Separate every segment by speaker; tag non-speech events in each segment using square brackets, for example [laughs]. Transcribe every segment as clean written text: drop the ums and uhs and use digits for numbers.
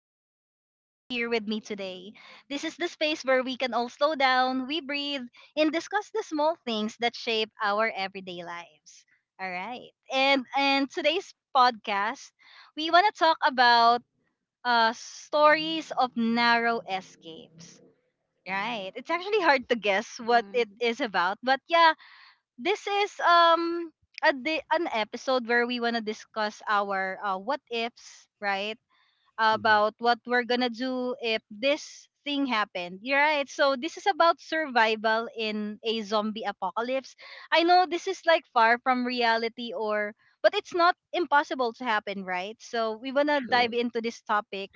Speaker 1: happy that you guys are here with me today. This is the space where we can all slow down, we breathe, and discuss the small things that shape our everyday lives. All right. And today's podcast, we want to talk about stories of narrow escapes. Right. It's actually hard to guess what it
Speaker 2: Mhm,
Speaker 1: is about, but yeah, this is an episode where we want to discuss our what ifs, right?
Speaker 3: Mhm.
Speaker 1: About what we're gonna do if this thing happened. You're right. So this is about survival in a zombie apocalypse. I know this is like far from reality or but it's not impossible to happen, right? So we wanna dive
Speaker 3: Sure.
Speaker 2: mhm.
Speaker 1: into this topic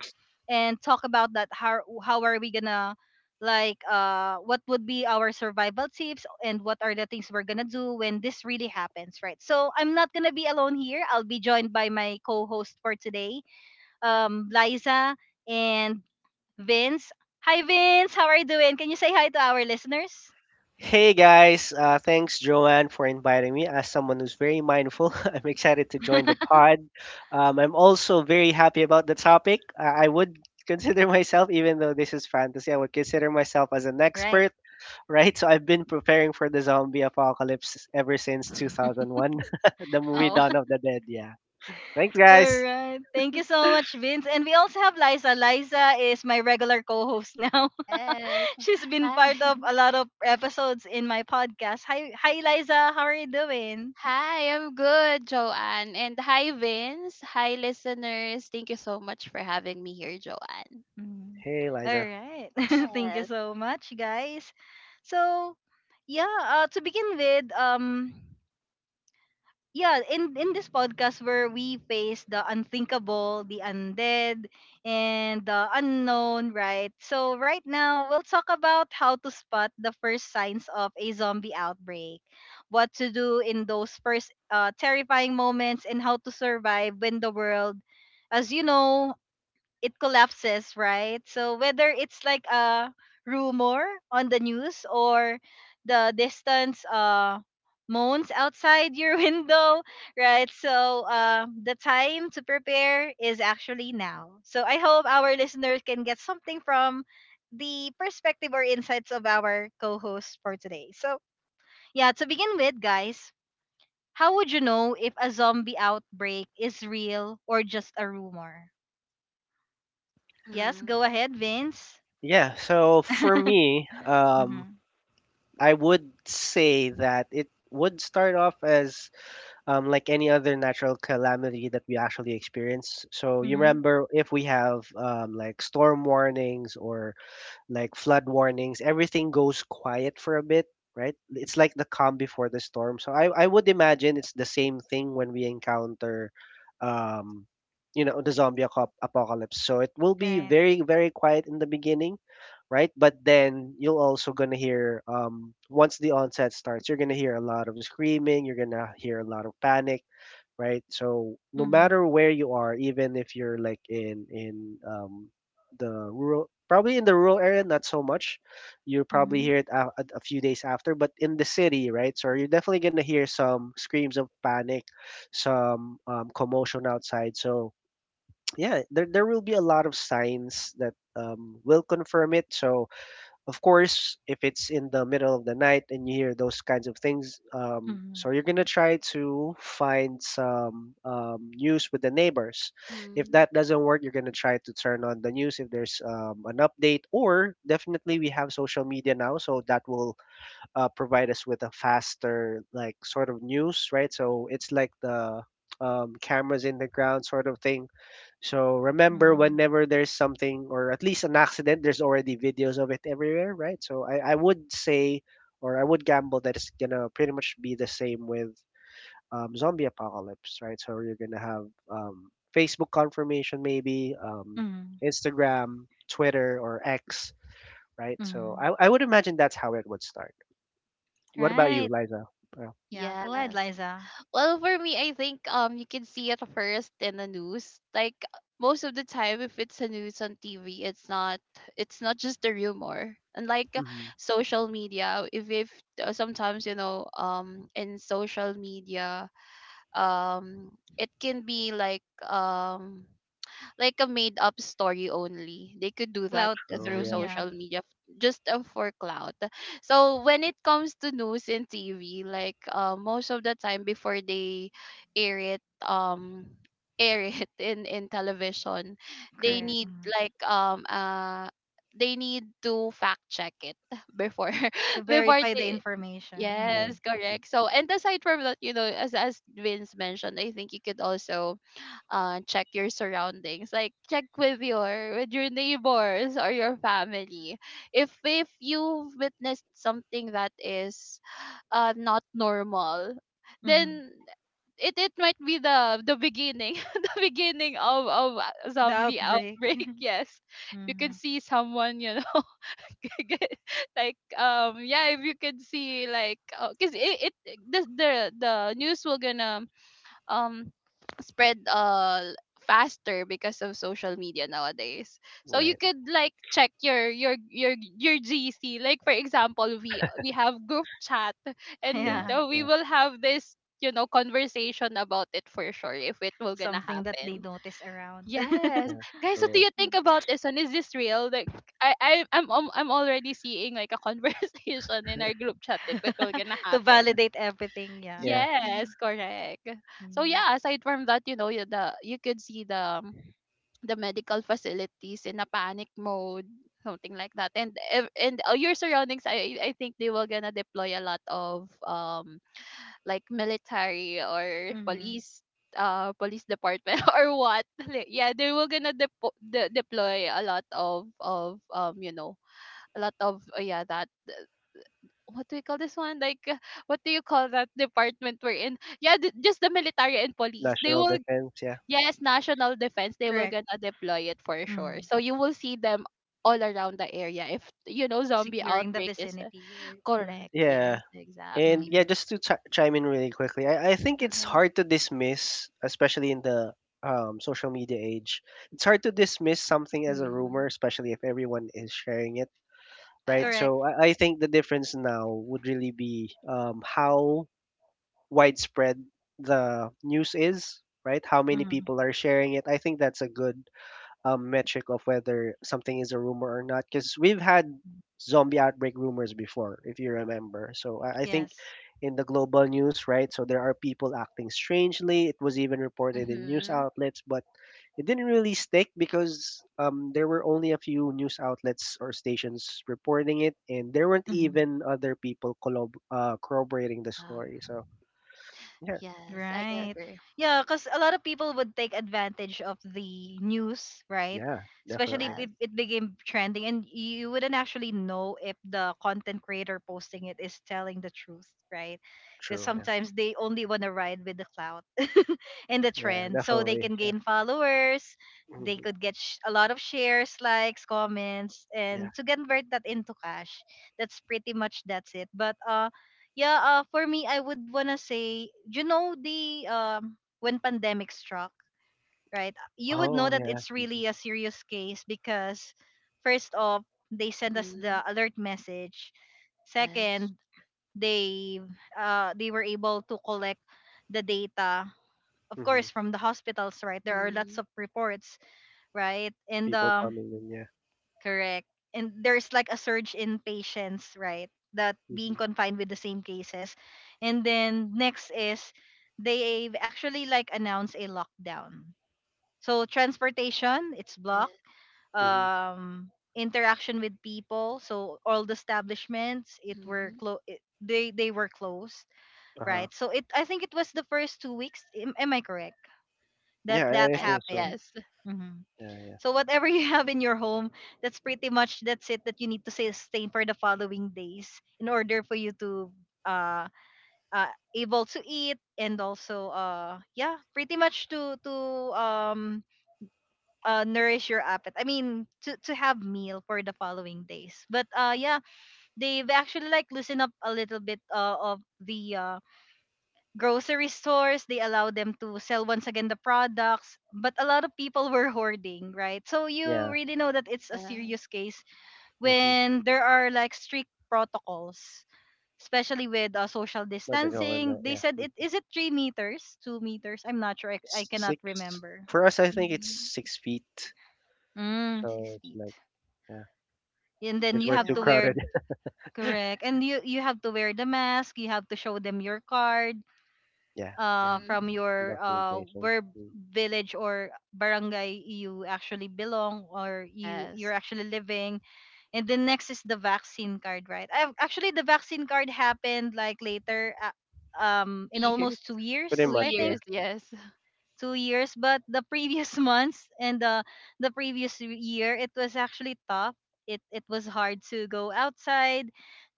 Speaker 1: and talk about that how are we gonna like what would be our survival tips and what are the things we're gonna do when this really happens, right? So I'm not gonna be alone here. I'll be joined by my co-host for today, Liza, and Vince. Hi, Vince. How are you doing? Can you say hi to our listeners?
Speaker 3: Hey guys, thanks Joanne for inviting me. As someone who's very mindful, [laughs] I'm excited to join the
Speaker 1: [laughs]
Speaker 3: pod. I'm also very happy about the topic. I would consider [laughs] myself, even though this is fantasy, I would consider myself as an
Speaker 1: Right.
Speaker 3: expert, right? So I've been preparing for the zombie apocalypse ever since 2001, [laughs] the movie
Speaker 2: Wow.
Speaker 3: Dawn of the Dead. Yeah. Thanks
Speaker 1: All
Speaker 3: guys.
Speaker 1: right. Thank you so much, Vince. And we also have Liza. Liza is my regular co-host now.
Speaker 2: Yes.
Speaker 1: [laughs] She's been
Speaker 2: Hi.
Speaker 1: part of a
Speaker 2: [laughs]
Speaker 1: lot of episodes in my podcast. Hi, hi, Liza. How are you doing?
Speaker 2: Hi, I'm good, Joanne. And hi, Vince. Hi, listeners. Thank you so much for having me here, Joanne.
Speaker 1: Mm.
Speaker 3: Hey
Speaker 1: All
Speaker 3: Liza.
Speaker 1: right. [laughs] Thank you
Speaker 2: Yes.
Speaker 1: so much, guys. So, yeah, to begin with, yeah, in this podcast where we face the unthinkable, the undead, and the unknown, right? So right now we'll talk about how to spot the first signs of a zombie outbreak, what to do in those first terrifying moments, and how to survive when the world, as you know, it collapses, right? So whether it's like a rumor on the news or the distance moans outside your [laughs] window, right? So the time to prepare is actually now. So I hope our listeners can get something from the perspective or insights of our co-host for today. So yeah, to begin with, guys, how would you know if a zombie outbreak is real or just a rumor? Yes, go
Speaker 2: Mm-hmm.
Speaker 1: ahead, Vince.
Speaker 3: Yeah, so for
Speaker 1: [laughs]
Speaker 3: me,
Speaker 1: Mhm,
Speaker 3: I would say that it would start off as like any other natural calamity that we actually experience. So you
Speaker 1: mhm,
Speaker 3: remember if we have like storm warnings or like flood warnings, everything goes quiet for a bit, right? It's like the calm before the storm. So I would imagine it's the same thing when we encounter, um, you know, the apocalypse. So it will be
Speaker 1: right.
Speaker 3: very, very quiet in the beginning, right? But then you'll also gonna hear, once the onset starts, you're gonna hear a lot of screaming, you're gonna hear a lot of panic, right? So no
Speaker 1: Mhm,
Speaker 3: matter where you are, even if you're like in the rural, probably in the rural area, not so much. You probably
Speaker 1: mhm,
Speaker 3: hear it a few days after, but in the city, right? So you're definitely gonna hear some screams of panic, some commotion outside. So [tsk] yeah, there will be a lot of signs that will confirm it. So of course, if it's in the middle of the night and you hear those kinds of things,
Speaker 1: mhm,
Speaker 3: so you're gonna try to find some news with the neighbors. If
Speaker 2: Mm-hmm.
Speaker 3: that doesn't work, you're gonna try to turn on the news if there's an update, or definitely we have social media now, so that will provide us with a faster like sort of news, right? So it's like the cameras in the ground sort of thing. So remember,
Speaker 1: mhm,
Speaker 3: whenever there's something or at least an accident, there's already videos of it everywhere, right? So I would say, or I would gamble that it's gonna pretty much be the same with zombie apocalypse, right? So you're gonna have Facebook confirmation, maybe
Speaker 1: mhm,
Speaker 3: Instagram, Twitter, or X, right? So
Speaker 1: mhm.
Speaker 3: I would imagine that's how it would start. What about you,
Speaker 1: Right.
Speaker 3: Liza? Oh,
Speaker 1: Yeah, go ahead,
Speaker 2: Yes.
Speaker 1: Liza.
Speaker 2: Well, for me, I think you can see it first in the news. Like most of the time, if it's a news on TV, it's not just a rumor. Unlike
Speaker 3: hmm
Speaker 2: social media, if sometimes in social media um it can be like a made up story only they could do that
Speaker 1: Cloud.
Speaker 3: true.
Speaker 2: through
Speaker 1: [laughs]
Speaker 3: Yeah.
Speaker 1: Yeah,
Speaker 2: social media f- just for clout. So when it comes to news and TV, like most of the time before they air it um air it [laughs] in television, they
Speaker 3: hmm
Speaker 1: correct.
Speaker 2: need
Speaker 1: Mhm.
Speaker 2: like they need to fact check it [laughs] before
Speaker 1: To
Speaker 2: [laughs] before
Speaker 1: verify the
Speaker 2: they.
Speaker 3: Yeah.
Speaker 1: information.
Speaker 2: Yes,
Speaker 3: hmm
Speaker 2: correct. So, and aside from that, you know, as Vince mentioned, I think you could also check your surroundings, like check with your neighbors or your family. If you witnessed something that is not normal,
Speaker 1: Mhm, mhm.
Speaker 2: then it might be the beginning, [laughs] the beginning of a
Speaker 1: The
Speaker 2: zombie
Speaker 1: outbreak.
Speaker 2: outbreak. [laughs]
Speaker 1: [laughs]
Speaker 2: Yes, you can
Speaker 1: Mhm.
Speaker 2: see someone, you know. [laughs] Get- like yeah, if you could see like, because it the, the the news will gonna um spread faster because of social media nowadays. So you
Speaker 3: Right.
Speaker 2: could like check your gc. Like for example, we have group chat, and
Speaker 3: Yeah.
Speaker 1: Yeah,
Speaker 2: we
Speaker 3: Yeah.
Speaker 2: will have this, you know, conversation about it for sure if it will gonna
Speaker 1: something that they
Speaker 2: happen.
Speaker 1: notice around. [laughs]
Speaker 2: Yes.
Speaker 3: Yeah.
Speaker 2: Guys, what do
Speaker 3: True.
Speaker 2: you think about this one? Is this real? Like I'm already seeing like a [laughs] conversation in our group chat if it will gonna
Speaker 1: [laughs] To
Speaker 2: happen.
Speaker 1: validate everything, yeah.
Speaker 3: Yeah.
Speaker 2: Yes,
Speaker 1: Mhm,
Speaker 2: correct. So
Speaker 1: mhm,
Speaker 2: yeah, aside from that, you know, you- the you could see the medical facilities in a panic mode, something like that. And your surroundings, I think they will gonna deploy a lot of like military or
Speaker 1: mhm.
Speaker 2: police, police department. [laughs] Or what? [laughs] Like, yeah, they were gonna deploy a lot of you know, a lot of yeah, that what do you call this one, like what do you call that department we're in? Yeah, just the military and police, they
Speaker 3: National
Speaker 2: will.
Speaker 3: defense. Yeah.
Speaker 2: Yes, national defense, they will
Speaker 1: Correct.
Speaker 2: gonna deploy it for sure,
Speaker 1: Mhm.
Speaker 2: so you will see them all around the area if you know zombie
Speaker 1: Securing the
Speaker 2: outbreak is
Speaker 1: vicinity. Right. Mhm,
Speaker 2: correct. Yes,
Speaker 3: Yeah. And
Speaker 2: exactly.
Speaker 3: yeah,
Speaker 1: mhm.
Speaker 3: just to chime in really quickly, I think it's
Speaker 2: Uh-huh.
Speaker 3: hard to dismiss, especially in the social media age. It's hard to dismiss something as a
Speaker 2: Hmm.
Speaker 3: rumor, especially if everyone is sharing it, right?
Speaker 2: Yes.
Speaker 3: So
Speaker 1: Correct.
Speaker 3: I think the difference now would really be how widespread the news is, right? How many
Speaker 1: Mhm.
Speaker 3: people are sharing it? I think that's a good metric of whether something is a rumor or not, because we've had zombie outbreak rumors before, if you remember. So I think
Speaker 1: Yes.
Speaker 3: in the global news, right? So there are people acting strangely. It was even reported in news
Speaker 2: Mm-hmm.
Speaker 3: outlets, but it didn't really stick because there were only a few news outlets or stations reporting it, and there weren't
Speaker 1: Hmm.
Speaker 3: even other people corroborating
Speaker 2: Yeah.
Speaker 3: the story. So yeah.
Speaker 2: Yes, I
Speaker 1: Right.
Speaker 2: agree.
Speaker 1: Yeah, because a lot of people would take advantage of the news, right?
Speaker 3: Yeah,
Speaker 1: Especially
Speaker 3: definitely.
Speaker 2: Yes.
Speaker 1: if it became trending, and you wouldn't actually know if the content creator posting it is telling the truth, right? Because
Speaker 3: True, yeah.
Speaker 1: sometimes they only want to ride with the clout, in the
Speaker 3: Yeah,
Speaker 1: trend so they
Speaker 3: definitely.
Speaker 1: can
Speaker 3: Yeah.
Speaker 1: gain followers, they
Speaker 3: Mhm.
Speaker 1: could get a lot of shares, likes, comments,
Speaker 3: Yeah.
Speaker 1: and to convert that into cash. That's pretty much that's it. But yeah for me, I would want to say, you know, the when pandemic struck, right? You would know
Speaker 3: Oh,
Speaker 1: that
Speaker 3: yeah.
Speaker 1: it's
Speaker 3: Mhm.
Speaker 1: really a serious case because first off, they sent us
Speaker 2: Mm-hmm.
Speaker 1: the alert message.
Speaker 2: Yes.
Speaker 1: Second, they they were able to collect the data, of
Speaker 3: Mhm.
Speaker 1: course, from the hospitals, right? There are
Speaker 2: Mm-hmm.
Speaker 1: lots of reports, right? and
Speaker 3: People coming in, yeah.
Speaker 1: correct, and there's like a surge in patients, right? That being
Speaker 3: Mhm.
Speaker 1: confined with the same cases, and then next is they've actually like announced a lockdown, so transportation it's blocked,
Speaker 2: Yes.
Speaker 3: Mhm.
Speaker 1: um interaction with people, so all the establishments it were
Speaker 2: Mm-hmm.
Speaker 1: close, they were closed,
Speaker 3: Uh-huh.
Speaker 1: right? so it I think it was the first two weeks. Am I correct that
Speaker 3: Yeah,
Speaker 1: that
Speaker 3: I
Speaker 2: Yes.
Speaker 3: think so.
Speaker 1: happened?
Speaker 2: Yes.
Speaker 1: Mhm.
Speaker 3: Yeah, yeah.
Speaker 1: So whatever [laughs] you have in your home, that's pretty much that's it that you need to sustain for the following days in order for you to uh, uh able to eat, and also yeah, pretty much to um nourish your appetite. I mean, to have meal for the following days. But yeah, they've actually like loosened up a little bit of the grocery stores. They allow them to sell once again the products, but a lot of people were hoarding, right? So you
Speaker 3: Yeah.
Speaker 1: really know that it's a
Speaker 2: Yes.
Speaker 1: serious case
Speaker 3: Mhm.
Speaker 1: when there are like strict protocols, especially with social
Speaker 3: But the
Speaker 1: distancing.
Speaker 3: government,
Speaker 1: They
Speaker 3: yeah.
Speaker 1: said, it
Speaker 3: Mhm.
Speaker 1: is it three meters, two meters? I'm not sure. I cannot
Speaker 3: Six.
Speaker 1: remember.
Speaker 3: For us, I think it's
Speaker 2: Mm-hmm.
Speaker 3: 6 feet.
Speaker 1: Mm,
Speaker 3: So
Speaker 1: six
Speaker 3: it's
Speaker 1: feet.
Speaker 3: like, yeah,
Speaker 1: And then
Speaker 3: because
Speaker 1: you
Speaker 3: we're
Speaker 1: have
Speaker 3: too
Speaker 1: to
Speaker 2: Yeah.
Speaker 1: wear,
Speaker 3: crowded. [laughs]
Speaker 1: correct, and you have to wear the mask. You have to show them your card
Speaker 3: Yeah, yeah.
Speaker 2: Mm-hmm.
Speaker 1: from your
Speaker 3: Documentation.
Speaker 1: where,
Speaker 3: Mm.
Speaker 1: village or barangay you actually belong or
Speaker 2: Yes.
Speaker 1: you're actually living. And the next is the vaccine card, right? I actually, the vaccine card happened like later,
Speaker 2: Two
Speaker 1: in
Speaker 2: years.
Speaker 1: almost two
Speaker 3: Pretty
Speaker 2: Two
Speaker 1: years, I
Speaker 3: much,
Speaker 1: think.
Speaker 3: yeah.
Speaker 2: years. Yes. [laughs]
Speaker 1: Two years. But the previous [laughs] months and the previous year, it was actually tough. It was hard to go outside,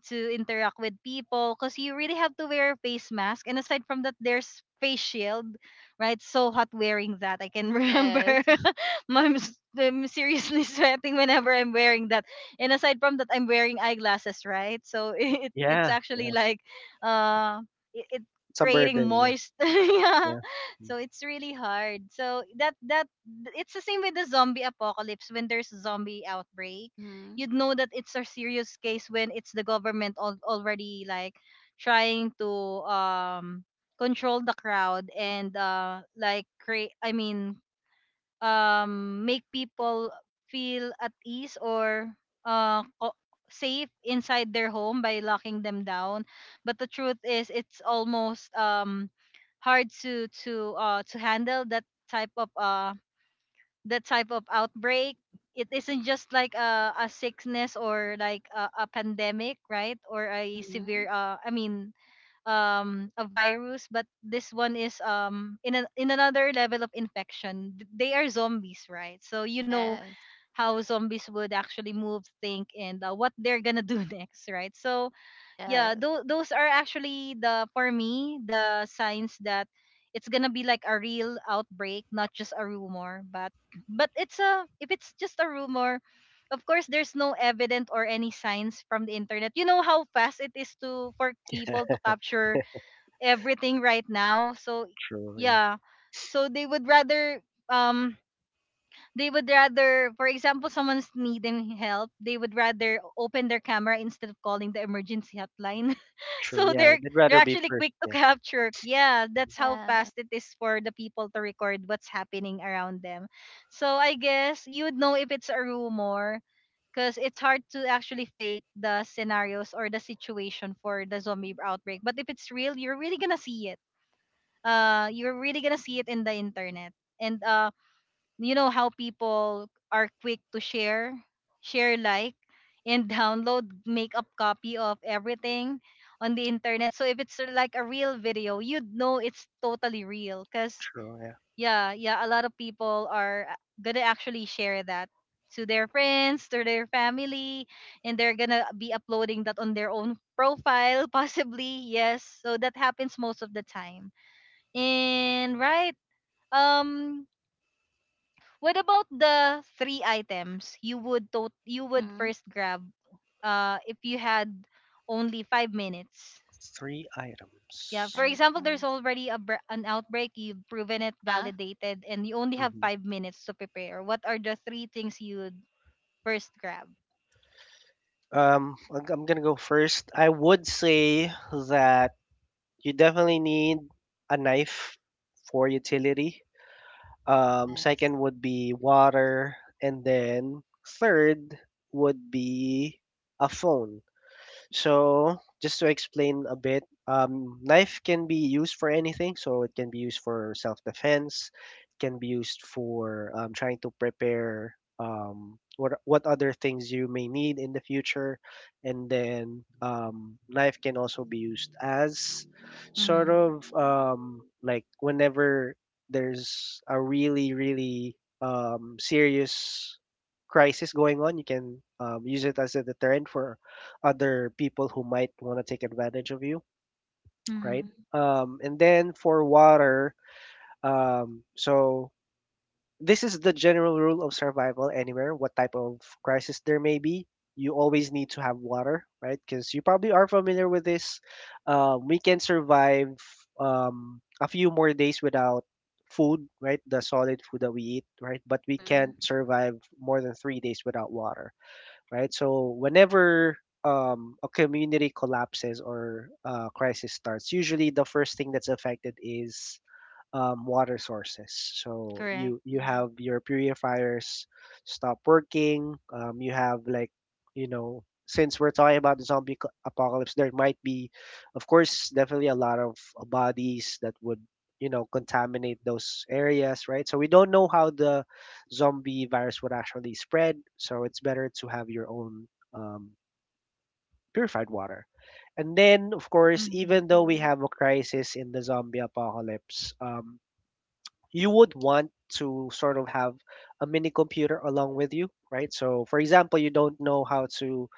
Speaker 1: to interact with people, because you really have to wear a face mask, and aside from that, there's face shield, right? So hot wearing that. I can [laughs] remember,
Speaker 2: Yes.
Speaker 1: [laughs] I'm, i I'm seriously [laughs] sweating whenever I'm wearing that. And aside from that, I'm wearing eyeglasses, right? So [laughs] it it's
Speaker 3: Yeah,
Speaker 1: actually
Speaker 3: yeah.
Speaker 1: like uh it, it
Speaker 3: It's a
Speaker 1: creating
Speaker 3: burden,
Speaker 1: moist. [laughs] Yeah,
Speaker 3: yeah,
Speaker 1: so it's really hard. So that that It's the same with the zombie apocalypse. When there's zombie outbreak,
Speaker 2: Mm-hmm.
Speaker 1: you'd know that it's a serious case when it's the government already like trying to um control the crowd and like create, I mean, make people feel at ease or uh, co- safe inside their home by locking them down. But the truth is, it's almost hard to handle type of uh, that type of outbreak. It isn't just like a sickness or like a pandemic, right? Or a
Speaker 2: Mm-hmm.
Speaker 1: severe, I mean, a virus, but this one is in another level of infection. They are zombies, right? So you know
Speaker 2: Yes.
Speaker 1: how zombies would actually move, think, and what they're gonna do [laughs] next, right? So yeah,
Speaker 2: Yes.
Speaker 1: those are actually, the for me, the signs that it's gonna be like a real outbreak, not just a rumor. But [clears throat] but it's a, if it's just a rumor, of course there's no evidence or any signs from the internet. You know how fast it is to, for
Speaker 3: yeah.
Speaker 1: people to
Speaker 3: [laughs]
Speaker 1: capture everything right now. So
Speaker 3: True, yeah.
Speaker 1: yeah. So they would rather um they would rather, for example, someone's needing help, they would rather open their camera instead of calling the emergency hotline. [laughs]
Speaker 3: True,
Speaker 1: So
Speaker 3: yeah. They'd
Speaker 1: they're
Speaker 3: rather be
Speaker 1: actually
Speaker 3: first,
Speaker 1: quick to [laughs]
Speaker 3: yeah.
Speaker 1: capture. Yeah, that's how
Speaker 2: Yeah.
Speaker 1: fast it is for the people to record what's happening around them. So I guess you would know if it's a rumor because it's hard to actually fake the scenarios or the situation for the zombie outbreak. But if it's real, you're really gonna see it, you're really gonna see it in the internet. And you know how people are quick to share, like and [laughs] download, make up copy of everything on the internet. So if it's like a real video, you'd know it's totally real because
Speaker 3: True, yeah.
Speaker 1: yeah, yeah, a lot of people are gonna actually share that to their friends, to their family, and they're gonna be uploading that on their own profile, [laughs] possibly. Yes, so that happens most of the time. And right. Um what about the three items you would you would
Speaker 2: Mm-hmm.
Speaker 1: first grab if you had only five minutes?
Speaker 3: Three
Speaker 2: The
Speaker 1: Yeah,
Speaker 3: items.
Speaker 1: for example, there's
Speaker 2: items.
Speaker 1: already a an outbreak, you've proven it
Speaker 2: Uh-huh.
Speaker 1: validated, and you only have
Speaker 3: Mhm.
Speaker 1: five minutes to prepare. What are the three things you would first grab?
Speaker 3: I'm gonna go first. I would say that you definitely need a knife for utility.
Speaker 2: Yes.
Speaker 3: Second would be water, and then third would be a phone. So, just to explain a bit, knife can be used for anything. So, it can be used for self defense, it can be used for trying to prepare what other things you may need in the future. And then, knife can also be used as sort
Speaker 1: Mm-hmm.
Speaker 3: of like whenever there's a really, really serious crisis going on, you can use it as a deterrent for other people who might want to take advantage of you,
Speaker 1: Mm-hmm.
Speaker 3: right?
Speaker 2: Mm-hmm.
Speaker 3: And then for water, so this is the general rule of survival anywhere, what type of crisis there may be. You always need to have water, right? Because you probably are familiar with this. We can survive a few more days without food, right? The solid food that we eat, right? But we
Speaker 2: Mm-hmm.
Speaker 3: can't survive more than 3 days without water, right? So whenever a community collapses or crisis starts, usually the first thing that's affected is water sources. So
Speaker 1: Correct.
Speaker 3: you
Speaker 2: Mm-hmm.
Speaker 3: have your purifiers stop working. You have like, you know, since we're talking about the apocalypse, there might be, of course, definitely a lot of bodies that would, you know, contaminate those areas, right? So we don't know how the zombie virus would actually spread. So it's better to have your own um, purified water. And then, of course,
Speaker 1: Mm-hmm.
Speaker 3: even though we
Speaker 2: Mm-hmm.
Speaker 3: have a crisis in the zombie apocalypse, you would want to sort of have a mini computer along with you, right? So, for example, you don't know how to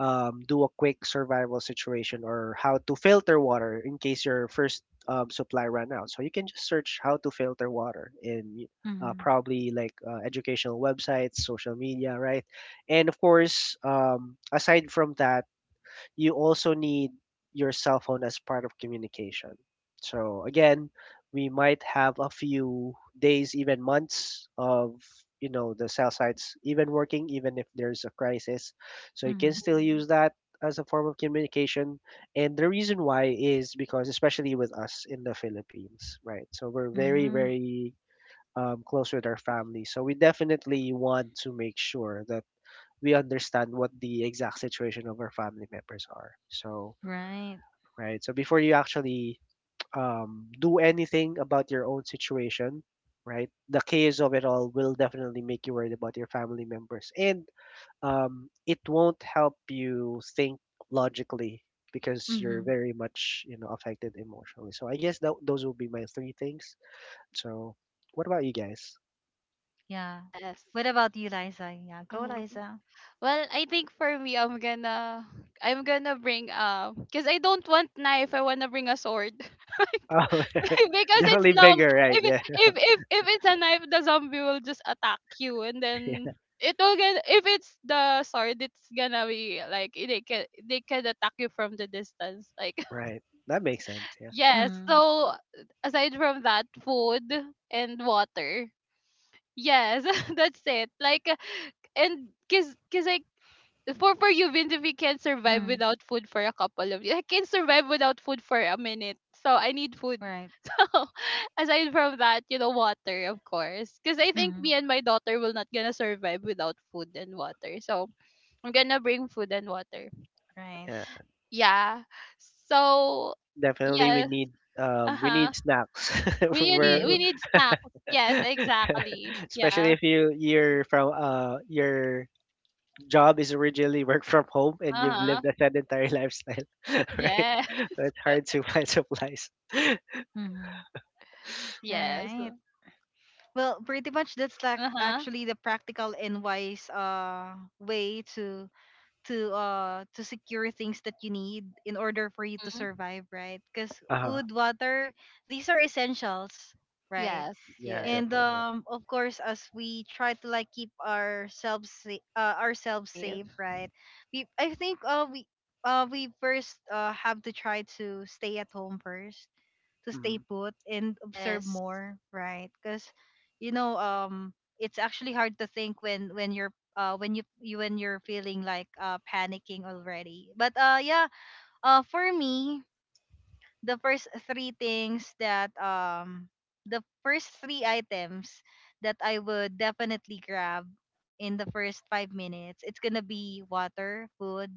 Speaker 3: do a quick survival situation or how to filter water in case your first supply ran out. So, you can just search how to filter water in
Speaker 1: Mm-hmm.
Speaker 3: probably like educational websites, social media, right? And of course, aside from that, you also need your cell phone as part of communication. So again, we might have a few days, even months of, you know, the cell sites even working, even if there's a crisis. So you can
Speaker 1: Mm-hmm.
Speaker 3: still
Speaker 2: Mm-hmm.
Speaker 3: use that as a form of communication. And the reason why is because especially with us in the Philippines, right? So we're very,
Speaker 1: Mm-hmm.
Speaker 3: very close with our family. So we definitely want to make sure that we understand what the exact situation of our family members are. So,
Speaker 1: Right.
Speaker 3: right. So before you actually do anything about your own situation, right, the chaos of it all will definitely make you worried about your family members, and it won't help you think logically because you're
Speaker 1: Mhm.
Speaker 3: very much, you know, affected emotionally. So I guess that those will be my three things. So what about you guys? [laughs]
Speaker 1: Yeah.
Speaker 2: Yes.
Speaker 1: What about you, Liza? Yeah, go
Speaker 2: Mm-hmm.
Speaker 1: Liza.
Speaker 2: Well, I think for me, I'm gonna bring cause I don't want knife. I wanna bring a sword, [laughs] like,
Speaker 3: Oh,
Speaker 2: [laughs] because it's
Speaker 3: definitely
Speaker 2: long.
Speaker 3: bigger, right?
Speaker 2: If it-
Speaker 3: Yeah,
Speaker 2: if if if it's a knife, the zombie will just attack you, and then
Speaker 3: [laughs]
Speaker 2: it will get. If it's the sword, it's gonna be like they can attack you from the distance. Like [laughs]
Speaker 3: right. That makes sense. Yeah,
Speaker 2: yes.
Speaker 1: Mm-hmm.
Speaker 2: So aside from that, food and water. Yes, [laughs] that's it. Like, and because cause I, for you, Vince, if you can survive
Speaker 1: Mm,
Speaker 2: without food for a couple of years, I can survive without food for a minute. So I need food. [laughs]
Speaker 1: right.
Speaker 2: So aside from that, you know, water, of course, because I think
Speaker 1: Mm,
Speaker 2: me and my daughter will not gonna survive without food and water. So I'm gonna bring food and water.
Speaker 1: right.
Speaker 3: yeah.
Speaker 2: Yeah. So
Speaker 3: Definitely,
Speaker 2: yeah. Uh
Speaker 3: we
Speaker 2: huh.
Speaker 3: need snacks. [laughs]
Speaker 2: We
Speaker 3: We're
Speaker 1: Mm,
Speaker 2: need snacks. Yes, exactly.
Speaker 3: [laughs] especially
Speaker 2: Yeah.
Speaker 3: if you're from your job is originally work from home and
Speaker 2: Uh
Speaker 3: you've
Speaker 2: huh.
Speaker 3: lived a sedentary lifestyle, [laughs] right?
Speaker 2: Yeah.
Speaker 3: So
Speaker 2: [laughs]
Speaker 3: it's hard to find supplies. [laughs]
Speaker 1: mm. All
Speaker 2: Yes.
Speaker 1: right. Well, pretty much that's like
Speaker 2: Uh huh.
Speaker 1: actually the practical and wise way to secure things that you need in order for you to
Speaker 2: Hmm.
Speaker 1: survive, right? Because
Speaker 3: Uh,
Speaker 1: food, water, these are essentials, right?
Speaker 2: Yes.
Speaker 3: yeah,
Speaker 2: Yes.
Speaker 1: And
Speaker 3: definitely. Yeah.
Speaker 1: of course, as we try to like keep ourselves ourselves safe,
Speaker 2: Safe.
Speaker 1: right? we I think we first have to try to stay at home first, to stay
Speaker 3: hmm
Speaker 1: put and observe
Speaker 2: Yes.
Speaker 1: more, right? Because you know, it's actually hard to think when you're when you when you're feeling like panicking already. But for me, the first three things that the first three items that I would definitely grab in the first 5 minutes, it's gonna be water, food,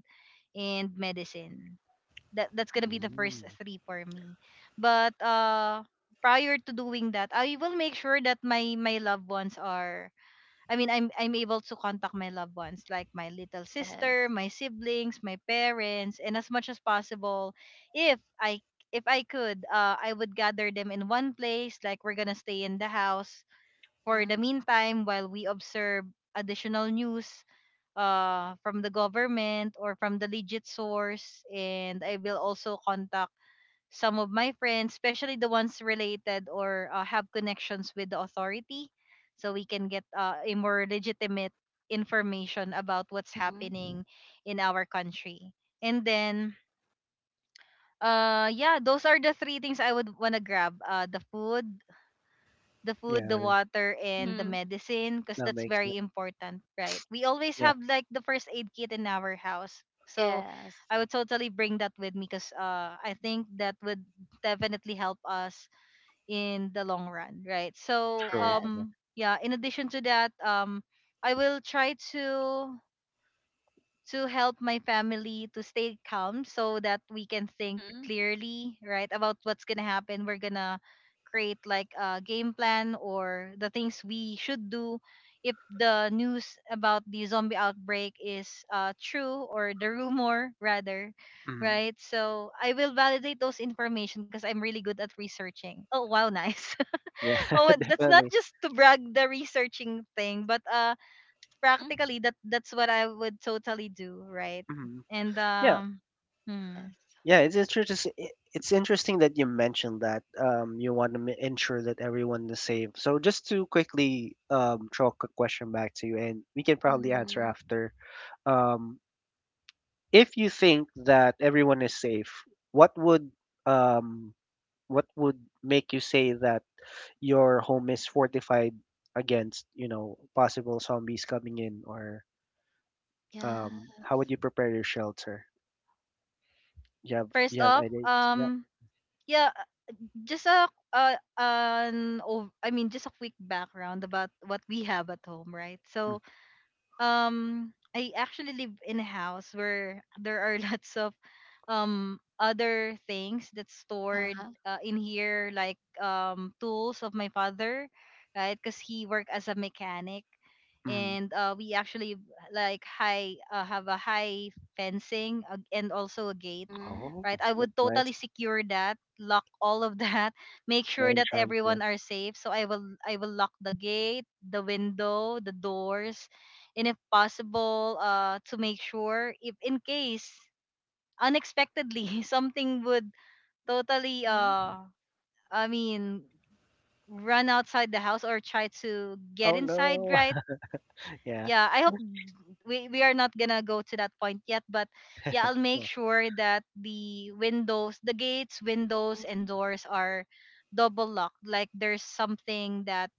Speaker 1: and medicine. That's gonna be
Speaker 2: Mm,
Speaker 1: the first
Speaker 3: Mm.
Speaker 1: three for me. But prior to doing that, I will make sure that my loved ones are— I mean, I'm able to contact my loved ones, like my little sister,
Speaker 2: yes.
Speaker 1: my siblings, my parents, and as much as possible, if I if I could, I would gather them in one place. Like we're gonna stay in the house for the
Speaker 2: Mhm.
Speaker 1: meantime while we observe additional news from the government or from the legit source, and I will also contact some of my friends, especially the ones related or have connections with the authority, so we can get a more legitimate information about what's
Speaker 2: Mhm.
Speaker 1: happening in our country. And then, yeah, those are the three things I would wanna grab: the food,
Speaker 3: Yeah,
Speaker 1: the
Speaker 3: that
Speaker 1: water, and the
Speaker 2: Mhm.
Speaker 1: medicine, because
Speaker 3: that
Speaker 1: that's
Speaker 3: makes sense.
Speaker 1: very important, right? We always
Speaker 3: Yeah,
Speaker 1: have like the first aid kit in our house. So
Speaker 2: Yes.
Speaker 1: I would totally bring that with me because I think that would definitely help us in the long run, right? So
Speaker 3: true.
Speaker 2: Yes.
Speaker 3: Yeah.
Speaker 1: yeah, in addition to that, I will try to help my family to stay calm so that we can think
Speaker 2: Mhm.
Speaker 1: clearly, right, about what's gonna happen. We're gonna create like a game plan or the things we should do if the news about the zombie outbreak is true, or the rumor rather,
Speaker 3: hmm
Speaker 1: right? So I will validate those information because I'm really good at researching. Oh wow. [laughs] Nice.
Speaker 3: Yeah,
Speaker 1: Oh,
Speaker 3: [laughs]
Speaker 1: that's not
Speaker 3: definitely.
Speaker 1: just to brag the researching thing, but
Speaker 2: Mhm.
Speaker 1: practically that's what I would totally do, right?
Speaker 3: Hmm
Speaker 1: And
Speaker 3: Yeah.
Speaker 1: hmm.
Speaker 2: Yes.
Speaker 3: Yeah, it's interesting. It's interesting that you mentioned that you want to ensure that everyone is safe. So just to quickly throw a quick question back to you, and we can probably answer
Speaker 2: Mhm.
Speaker 3: after. Um, if you think that everyone is safe, what would um, make you say that your home is fortified against, you know, possible zombies coming in, or
Speaker 2: Yes.
Speaker 3: how would you prepare your shelter?
Speaker 1: First
Speaker 3: You have
Speaker 1: off,
Speaker 3: ideas? Yeah.
Speaker 1: yeah, just a I mean just a quick background about what we have at home, right?
Speaker 3: Mm,
Speaker 1: So um I actually live in a house where there are [laughs] lots of other things that's stored
Speaker 2: Uh-huh.
Speaker 1: in here, like tools of my father, right, because he worked as a mechanic.
Speaker 3: mm.
Speaker 1: And we actually like high have a high fencing and also a gate,
Speaker 2: Mhm.
Speaker 3: Oh,
Speaker 1: right? I
Speaker 3: that's
Speaker 1: would
Speaker 3: nice.
Speaker 1: totally secure that, lock all of that, [laughs] make
Speaker 3: The
Speaker 1: sure that
Speaker 3: entrance, yeah.
Speaker 1: everyone are safe. So I will lock the gate, the window, the doors, and if possible, to make sure, if in case unexpectedly [laughs] something would totally
Speaker 2: Mhm.
Speaker 1: I mean run outside the house or try to get
Speaker 3: Oh
Speaker 1: inside,
Speaker 3: no.
Speaker 1: right?
Speaker 3: [laughs] Yeah,
Speaker 1: Yeah, I hope we are not gonna go to that point yet, but yeah, I'll make
Speaker 3: yeah,
Speaker 1: sure that the gates, windows, and
Speaker 2: Mhm.
Speaker 1: doors are double locked, like there's something that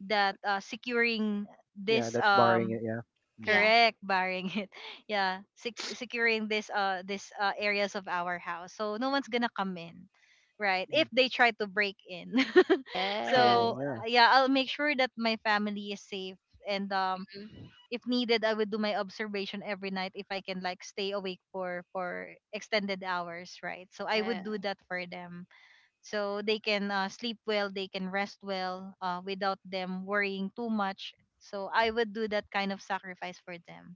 Speaker 1: securing
Speaker 3: yeah.
Speaker 1: this
Speaker 3: That's barring it. Yeah. hmm
Speaker 2: Yeah.
Speaker 1: correct, barring it. [laughs] Yeah, securing this areas of our house, so no one's gonna come in, right, if they try to break in. [laughs]
Speaker 3: True.
Speaker 1: So
Speaker 2: Yes.
Speaker 3: Yeah.
Speaker 1: yeah, I'll make sure that my family is safe. And
Speaker 2: Mhm.
Speaker 1: if needed, I would do my observation every night if I can, like stay awake for extended hours, right? So I would
Speaker 2: Yeah.
Speaker 1: do that for them, so they can sleep well, they can rest well, without them worrying too much. So I would do that kind of sacrifice for them,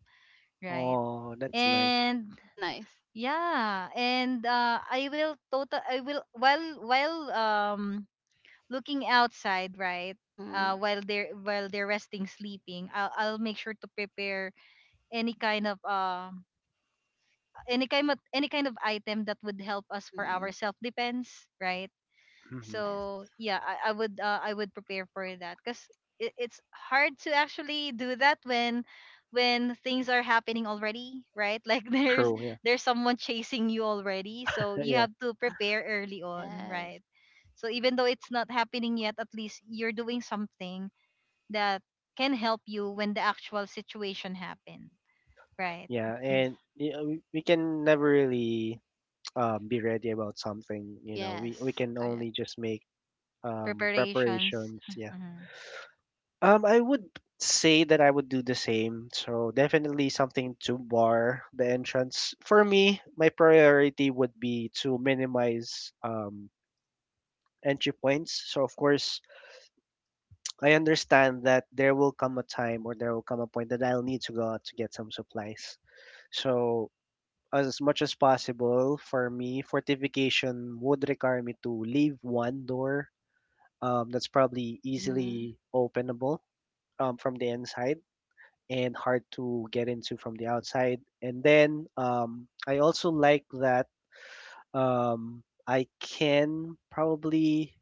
Speaker 1: right?
Speaker 3: Oh, that's nice.
Speaker 1: And
Speaker 2: It's nice.
Speaker 1: yeah, and I will, while looking outside, right,
Speaker 2: Mhm.
Speaker 1: while they're resting, sleeping, I'll make sure to prepare any kind of um any kind of item that would help us for our
Speaker 2: Mhm.
Speaker 1: self defense, right?
Speaker 3: Hmm
Speaker 2: Yes.
Speaker 1: So yeah, I would prepare for that, because it's hard to actually do that when things are happening already, right? [laughs] Like
Speaker 3: True. Yeah.
Speaker 1: there's someone chasing you already, so
Speaker 3: [laughs]
Speaker 1: you
Speaker 3: Yeah.
Speaker 1: have to prepare early on,
Speaker 2: Yes.
Speaker 1: right? So even though it's not happening yet, at least you're doing something that can help you when the actual situation happen, right?
Speaker 3: Yeah. And you know, we can never really [tsk] be ready about something. You know, we
Speaker 2: Yes.
Speaker 3: can only
Speaker 2: Correct.
Speaker 3: just make
Speaker 1: Preparations.
Speaker 3: preparations. Yeah.
Speaker 1: Mhm.
Speaker 3: I would say that I would do the same. So definitely something to bar the entrance. For me, my priority would be to minimize entry points. So of course, I understand that there will come a time or there will come a point that I'll need to go out to get some supplies. So as much as possible for me, fortification would require me to leave one door that's probably
Speaker 2: Mhm.
Speaker 3: easily openable from the inside and hard to get into from the outside. And then I also like that I can probably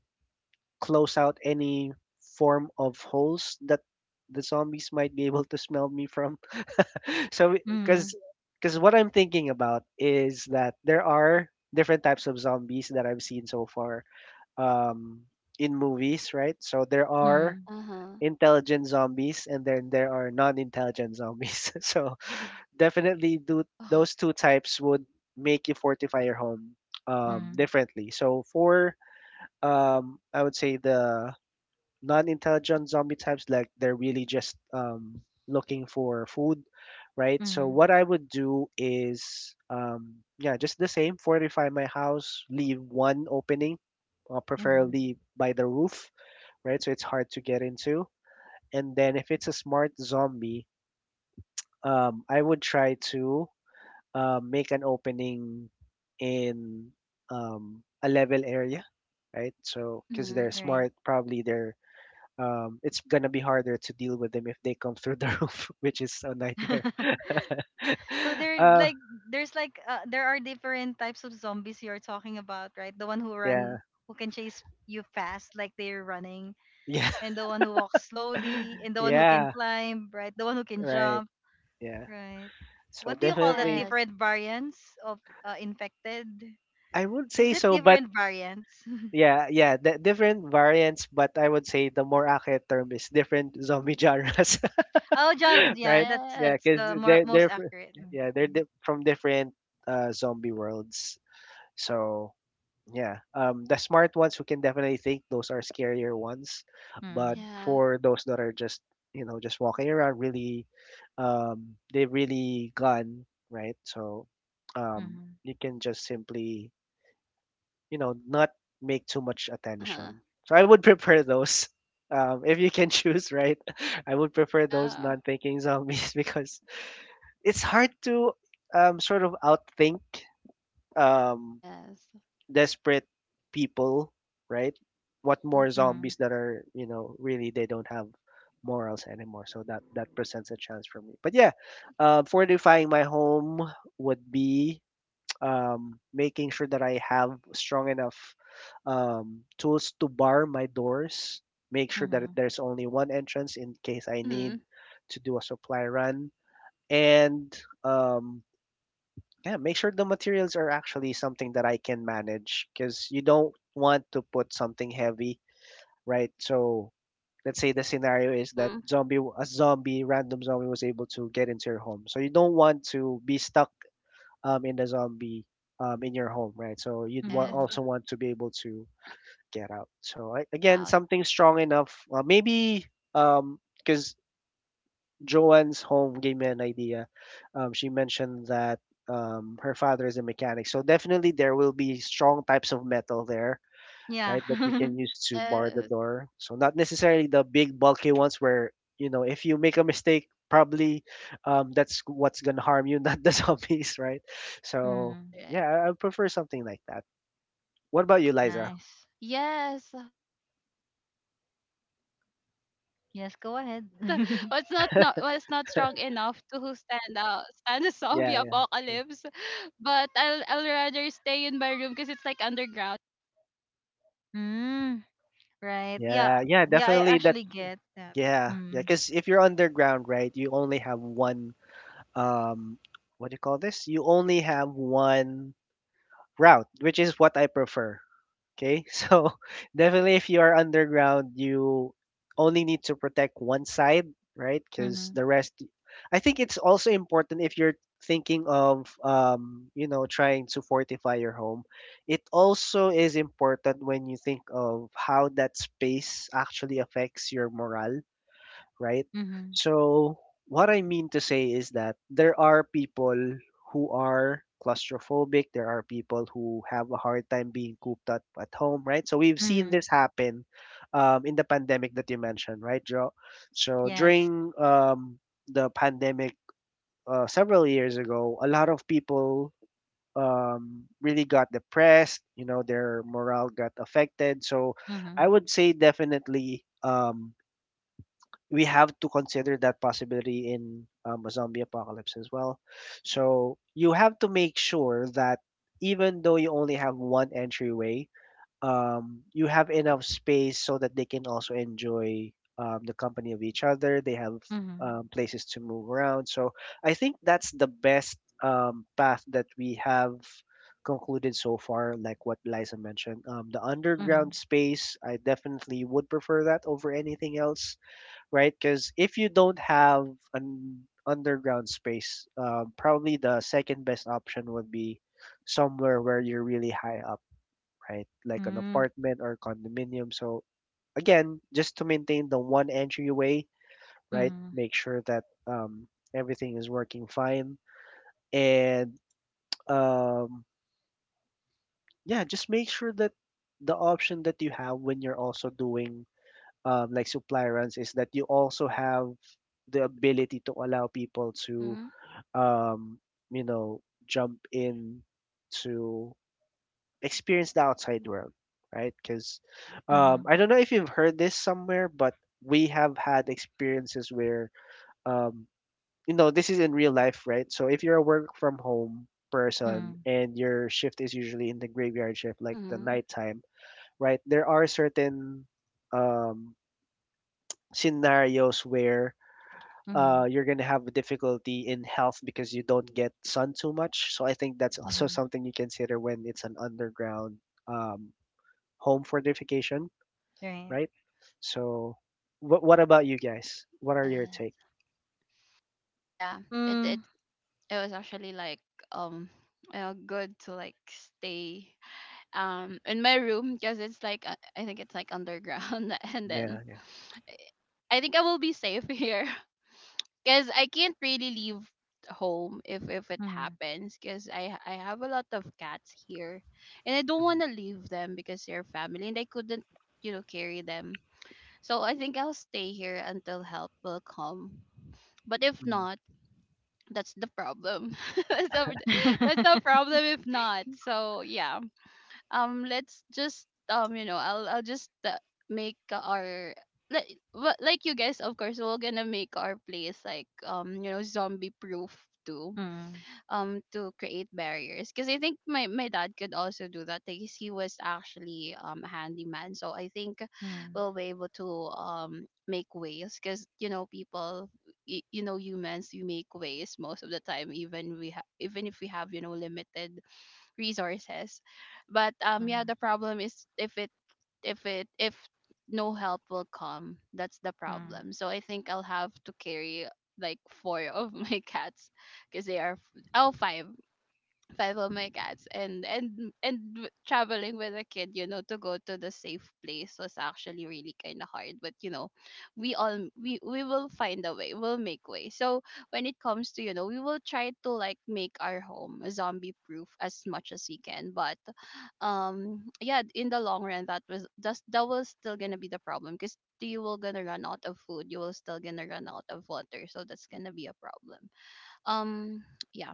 Speaker 3: close out any form of holes that the zombies might be able to smell me from. [laughs] So because
Speaker 1: Mhm.
Speaker 3: because what I'm thinking about is that there are different types of zombies that I've seen so far um, in movies, right? So there are
Speaker 1: Mhm.
Speaker 2: Uh-huh.
Speaker 3: intelligent zombies and then there are non-intelligent zombies. [laughs] So definitely do
Speaker 2: Oh.
Speaker 3: those two types would make you fortify your home
Speaker 1: Mhm.
Speaker 3: differently. So for I would say the non-intelligent zombie types, like they're really just looking for food, right? So
Speaker 1: Mhm.
Speaker 3: what I would do is, yeah, just the same, fortify my house, leave one opening,
Speaker 1: Mhm.
Speaker 3: preferably by the roof, right? So it's hard to get into. And then if it's a smart zombie, I would try to make an opening in a level area, right? So because they're
Speaker 2: Mhm.
Speaker 1: Right.
Speaker 3: smart, probably they're it's gonna be harder to deal with them if they come through the [laughs] roof, which is a nightmare.
Speaker 1: [laughs] So
Speaker 3: [laughs] uh,
Speaker 1: there's like there are different types of zombies you're talking about, right? The one who
Speaker 3: yeah,
Speaker 1: run, who can chase you fast like they're running,
Speaker 3: yeah,
Speaker 1: and the one who walks slowly,
Speaker 3: [laughs]
Speaker 1: and the one who can
Speaker 3: yeah,
Speaker 1: climb, right? The one who can
Speaker 3: right,
Speaker 1: jump,
Speaker 3: yeah.
Speaker 1: right?
Speaker 3: So
Speaker 1: What do you call that,
Speaker 3: definitely,
Speaker 2: Yes.
Speaker 1: different variants of infected?
Speaker 3: I would say
Speaker 1: Is it
Speaker 3: so, but
Speaker 1: different variants? [laughs]
Speaker 3: yeah, yeah, the different variants, but I would say the more accurate term is different zombie genres,
Speaker 1: Oh, John,
Speaker 3: [laughs]
Speaker 1: yeah,
Speaker 3: right?
Speaker 1: that's
Speaker 2: Yes.
Speaker 3: Yeah, because
Speaker 1: the more most
Speaker 3: they're fr-
Speaker 1: accurate.
Speaker 3: yeah they're
Speaker 1: Mm.
Speaker 3: di- from different zombie worlds, so. Yeah. The smart ones, who can definitely think, those are scarier ones, but
Speaker 1: Mm,
Speaker 2: Yeah.
Speaker 3: for those that are just, you know, just walking around, really, they've really gone, right? So,
Speaker 1: mhm,
Speaker 3: you can just simply, you know, not make too much
Speaker 2: Uh-huh.
Speaker 3: attention. So I would prefer those. [laughs] If you can choose, right? [laughs] I would prefer those
Speaker 2: Yeah.
Speaker 3: non-thinking zombies [laughs] because it's hard to sort of outthink um,
Speaker 2: Yes.
Speaker 3: desperate people, right? What more
Speaker 2: Mhm.
Speaker 1: mhm,
Speaker 3: zombies that are, you know, really they don't have morals anymore. So that presents a chance for me. But yeah, fortifying my home would be [tsk] making sure that I have strong enough tools to bar my doors. Make sure that
Speaker 1: mhm,
Speaker 3: there's only one entrance in case I need
Speaker 2: Mhm.
Speaker 3: to do a supply run. And um, yeah, make sure the materials are actually something that I can manage because you don't want to put something heavy, right? So let's say the scenario is that
Speaker 2: Mhm.
Speaker 3: zombie, a zombie, random zombie was able to get into your home. So you don't want to be stuck in the zombie in your home, right? So you'd
Speaker 2: Yes.
Speaker 1: mhm.
Speaker 3: also want to be able to get out. So I, again,
Speaker 2: Out.
Speaker 3: something strong enough. Maybe because Joanne's home gave me an idea. She mentioned that her father is a mechanic, so definitely there will be strong types of metal there,
Speaker 1: Yeah.
Speaker 3: right? That you
Speaker 1: [laughs]
Speaker 3: can use to bar the
Speaker 2: Yes.
Speaker 3: door. So not necessarily the big bulky ones where, you know, if you make a mistake, probably that's what's gonna harm you, [laughs] not the zombies, right? So
Speaker 1: Mm,
Speaker 3: yeah,
Speaker 2: Correct.
Speaker 3: I prefer something like that. What about you, Liza?
Speaker 1: nice.
Speaker 2: Yes. The- but it's not not it's
Speaker 1: Yes,
Speaker 2: not
Speaker 1: go ahead.
Speaker 2: strong
Speaker 1: [laughs]
Speaker 2: enough to stand out, stand [laughs] the zombie
Speaker 3: Yeah, yeah, sure.
Speaker 2: apocalypse. But I'll rather stay in my room because it's like underground.
Speaker 1: Mm, right. Yeah.
Speaker 3: Yeah, yeah,
Speaker 1: Yeah, I
Speaker 3: definitely that.
Speaker 1: actually get that.
Speaker 3: Yeah, yeah,
Speaker 1: Mm,
Speaker 3: because if you're underground, right, you only have one um what do you call this? You only have one route, which is what I prefer. Okay? [laughs] So definitely if you are underground, you only need to protect one side, right? Cuz
Speaker 1: mhm,
Speaker 3: the rest. I think it's also important if you're thinking of you know trying to fortify your home. It also is important when you think of how that space actually affects your morale, right?
Speaker 1: mhm,
Speaker 3: So what I mean to say is that there are people who are claustrophobic, there are people who have a hard time being cooped up at home, right? So we've seen
Speaker 1: mhm.
Speaker 3: this happen in the pandemic that you mentioned, right, Joe? So
Speaker 1: Yes.
Speaker 3: during the pandemic several years ago, a lot of people really got depressed, you know, their morale got affected. So I
Speaker 1: Mhm,
Speaker 3: would say definitely. We have to consider that possibility in a zombie apocalypse as well. So you have to make sure that even though you only have one entryway, you have enough space so that they can also enjoy the company of each other. They have
Speaker 1: mhm,
Speaker 3: places to move around. So I think that's the best path that we have concluded so far, like what Liza mentioned, the
Speaker 1: mhm,
Speaker 3: underground space. I definitely would prefer that over anything else, right? Because if you don't have an underground space, probably the second best option would be somewhere where you're really high up, right? Like an
Speaker 1: mm,
Speaker 3: apartment or condominium. So again, just to maintain the one entryway, right?
Speaker 1: mhm,
Speaker 3: Make sure that everything is working fine, and um, yeah, just make sure that the option that you have when you're also doing like supply runs is that you also have the ability to allow people to
Speaker 2: Mm-hmm.
Speaker 3: um, you know, jump in to experience the outside world, right? Because
Speaker 1: mhm,
Speaker 3: I don't know if you've heard this somewhere, but we have had experiences where, um, you know, this is in real life, right? So if you're a work from home person
Speaker 1: mhm,
Speaker 3: and your shift is usually in the graveyard shift, like the
Speaker 2: Mm-hmm.
Speaker 3: nighttime, right? There are certain um, scenarios where
Speaker 1: mhm,
Speaker 3: you're going to have a difficulty in health because you don't get sun too much. So I think that's [laughs] also
Speaker 1: mhm.
Speaker 3: something you consider when it's an underground um, home fortification,
Speaker 1: Right.
Speaker 3: right? So, what about you guys? What are your
Speaker 2: Yeah.
Speaker 3: take?
Speaker 2: Yeah. It
Speaker 1: Mm,
Speaker 2: it was actually like um you know, good to like stay in my room because it's like I think it's like underground [laughs] and then
Speaker 3: Yeah, yeah.
Speaker 2: I think I will be safe here [laughs] because I can't really leave home if it
Speaker 1: mhm.
Speaker 2: happens because I have a lot of cats here, and I don't want
Speaker 3: Mhm,
Speaker 2: to leave them because they're family, and I couldn't, you know, carry them. So I think I'll stay here until help will come. But if
Speaker 3: mhm.
Speaker 2: not, that's the problem. [laughs] that's the, that's the
Speaker 1: [laughs]
Speaker 2: problem if not. So yeah, let's just, you know, I'll just make our, like what, like you guys, of course, we're gonna make our place like, you know, zombie proof too,
Speaker 1: Mm,
Speaker 2: to create barriers because I think my my dad could also do that because he was actually a handyman. So I think
Speaker 1: mhm,
Speaker 2: we'll be able to make ways because you know people, you know, humans, we make ways most of the time, even we have, even if we have, you know, limited resources. But yeah, the
Speaker 1: mhm,
Speaker 2: problem is if no help will come, that's the
Speaker 1: mhm,
Speaker 2: problem. So I think I'll have to carry like four of my [laughs] cats because they are oh, five, five of my cats. And traveling with a kid, you know, to go to the safe place was actually really kind of hard. But you know, we all, we will find a way, we'll make way. So when it comes to, you know, we will try to like make our home zombie proof as much as we can. But yeah, in the long run, that was that's that was still gonna be the problem because you will gonna run out of food, you will still gonna run out of water, so that's gonna be a problem. um yeah,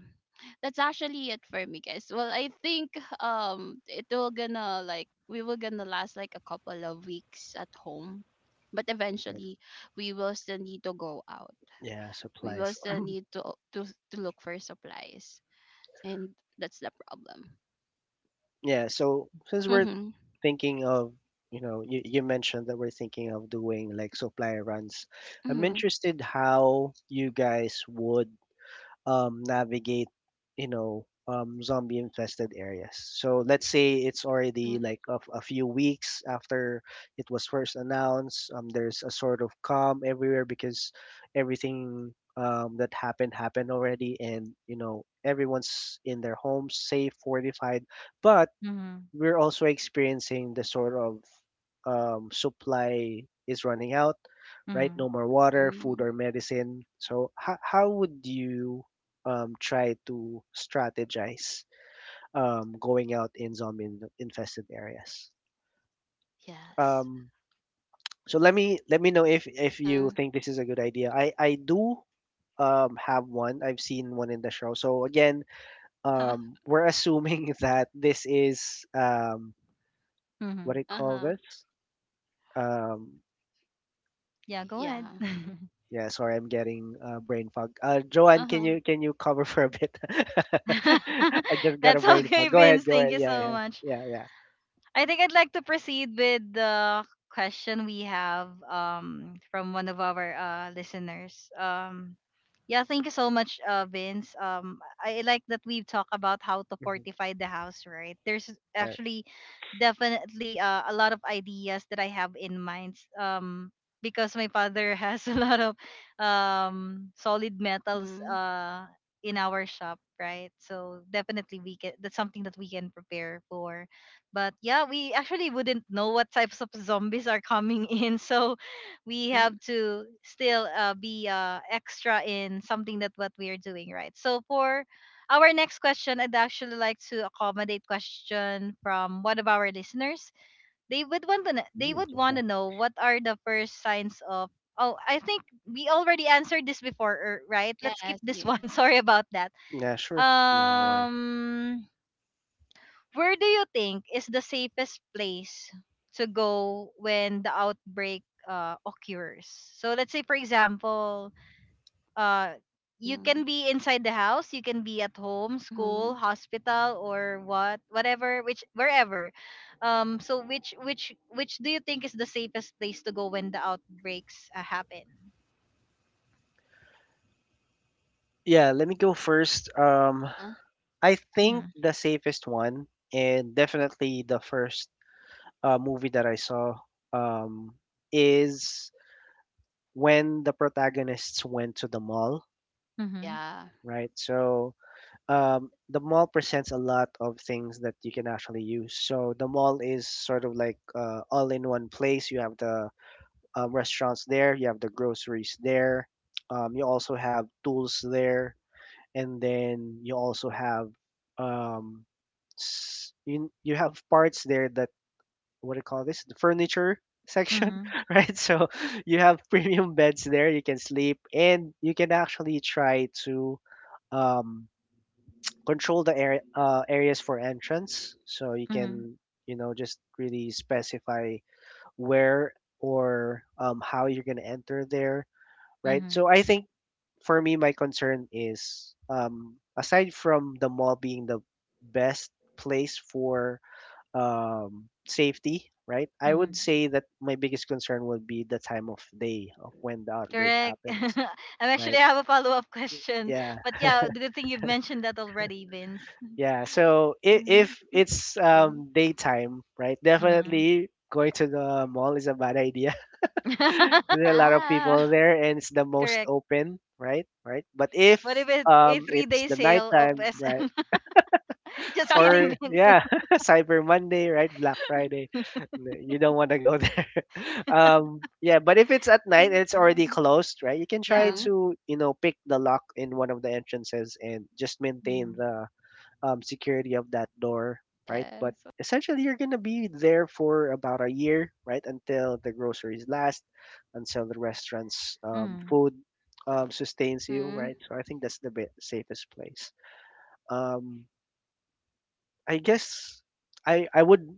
Speaker 2: that's actually it for me, guys. Well, I think it will gonna like, we will gonna last like a couple of weeks at home. But
Speaker 3: Yep.
Speaker 2: eventually we will still need to go out,
Speaker 3: Yeah.
Speaker 2: we will
Speaker 3: Supplies.
Speaker 2: still need to, to look for supplies, and that's the problem.
Speaker 3: Yeah. So since we're
Speaker 2: Mm-hmm.
Speaker 3: thinking of, you know, you mentioned that we're thinking of doing like supply runs, I'm
Speaker 2: Mm-hmm.
Speaker 3: interested how you guys would navigate, you know, zombie infested areas. So let's say it's
Speaker 2: Mm-hmm,
Speaker 3: already like a few weeks after it was first announced. There's a sort of calm everywhere because everything that happened happened already, and you know everyone's in their homes, safe, fortified. But
Speaker 1: mhm,
Speaker 3: we're also experiencing the sort of supply is running out, right? No
Speaker 1: mhm.
Speaker 3: more water, food,
Speaker 2: hmm.
Speaker 3: or medicine. So, how would you try to strategize going out in zombie infested areas?
Speaker 2: Yes.
Speaker 3: Um, so let me know if you
Speaker 2: Hmm.
Speaker 3: think this is a good idea. I do have one. I've seen one in the show. So again,
Speaker 2: Uh-huh.
Speaker 3: we're assuming [laughs] that this is what do
Speaker 1: Mhm.
Speaker 3: you call
Speaker 2: Uh-huh.
Speaker 3: this? Um,
Speaker 1: Yeah,
Speaker 2: [laughs]
Speaker 1: go ahead.
Speaker 2: Yeah.
Speaker 1: [laughs]
Speaker 3: yeah, sorry, I'm getting brain fog. Joanne, can
Speaker 2: Uh-huh.
Speaker 3: you can you cover [laughs] for a bit? [laughs] I just
Speaker 1: [laughs]
Speaker 3: got a
Speaker 1: That's
Speaker 3: brain
Speaker 1: okay,
Speaker 3: fog. Go ahead,
Speaker 1: Vince.
Speaker 3: go
Speaker 1: Thank
Speaker 3: ahead.
Speaker 1: you
Speaker 3: Yeah,
Speaker 1: so
Speaker 3: yeah,
Speaker 1: much.
Speaker 3: yeah, yeah.
Speaker 1: I think I'd like to proceed with the question we have from one of our listeners. Yeah, thank you so much, Vince. I like that we've talked about how to
Speaker 3: Hmm.
Speaker 1: fortify the house, right? There's
Speaker 3: Right.
Speaker 1: actually definitely a lot of ideas that I have in mind. Because my father [laughs] has a lot of solid metals
Speaker 2: Mm-hmm.
Speaker 1: in our shop, right? So definitely we can— that's something that we can prepare for. But yeah, we actually wouldn't know what types of zombies are coming [laughs] in, so we
Speaker 2: Mm-hmm.
Speaker 1: have to still be extra in something that what we are doing, right? So for our next question, I'd actually like to accommodate question from one of our listeners. They would want to they
Speaker 3: Mm,
Speaker 1: would
Speaker 3: okay,
Speaker 1: want
Speaker 3: yeah.
Speaker 1: to know what are the first signs of— oh, I think we already answered this before, right? Let's skip
Speaker 2: Yes.
Speaker 1: this
Speaker 2: Yeah.
Speaker 1: one. [laughs] Sorry about that.
Speaker 3: Yeah, sure. Yeah, no worries.
Speaker 1: Um, where do you think is the safest place to go when the outbreak occurs? So let's say, for example, uh, you can
Speaker 2: Mm-hmm.
Speaker 1: be inside the house, you can be at home, school,
Speaker 2: Mm-hmm.
Speaker 1: hospital, or what, whatever, which wherever. So which do you think is the safest place to go when the outbreaks happen?
Speaker 3: Yeah, let me go first.
Speaker 2: Uh-huh.
Speaker 3: I think
Speaker 1: Mm-hmm.
Speaker 3: the safest one, and definitely the first movie that I saw, um, is when the protagonists went to the mall.
Speaker 1: Mm-hmm.
Speaker 2: Yeah.
Speaker 3: Right. So the mall presents a lot of things that you can actually use. So the mall is sort of like all in one place. You have the restaurants there, you have the groceries there, you also have tools there, and then you also have um, you have parts there that what do you call this? The furniture section,
Speaker 1: Mm-hmm.
Speaker 3: [laughs] right? So you have [laughs] premium beds there. You can sleep, and you can actually try to. Um, Control the areas for entrance so you
Speaker 1: Mm-hmm.
Speaker 3: can, you know, just really specify where or how you're going to enter there, right? So I think for me my concern is aside from the mall being the best place for safety, right? I would
Speaker 1: Mm-hmm.
Speaker 3: say that my biggest concern would be the time of day of when the outbreak
Speaker 1: Correct. [laughs]
Speaker 3: happens, right?
Speaker 1: I have a follow up [laughs] question,
Speaker 3: Yeah.
Speaker 1: but yeah, good thing you've mentioned that already, Vince.
Speaker 3: Yeah, so if
Speaker 1: Hmm.
Speaker 3: it's
Speaker 2: Mm-hmm.
Speaker 3: daytime, right?
Speaker 1: Hmm.
Speaker 3: Definitely going to the mall is a bad idea. [laughs] There's
Speaker 1: [laughs]
Speaker 3: a lot of
Speaker 2: Yeah.
Speaker 3: people there, and it's the most
Speaker 1: Correct.
Speaker 3: open, right? Right. But if
Speaker 1: What if it's a three
Speaker 3: it's
Speaker 1: day
Speaker 3: the
Speaker 1: sale of
Speaker 3: nighttime, right?
Speaker 1: SM? [laughs]
Speaker 2: [laughs]
Speaker 1: Just
Speaker 2: Yeah.
Speaker 1: kidding,
Speaker 3: Or
Speaker 1: Vince.
Speaker 3: yeah, [laughs] Cyber Monday, right? Black Friday. You don't want to go there. [laughs] Yeah, but if it's at night and it's already
Speaker 1: [laughs]
Speaker 3: closed, right? You can try
Speaker 1: Yeah.
Speaker 2: Mhm.
Speaker 3: to, you know, pick the lock in one of the entrances and just
Speaker 1: Mm-hmm.
Speaker 3: maintain the security of that door, right? But
Speaker 2: Yes.
Speaker 3: essentially, you're gonna be there for about a year, right? Until the
Speaker 2: Yeah.
Speaker 3: groceries last, until the restaurant's
Speaker 1: Mm-hmm.
Speaker 3: food sustains you,
Speaker 2: Mhm.
Speaker 3: right? So I think that's the bit safest place. Um, I guess I I would.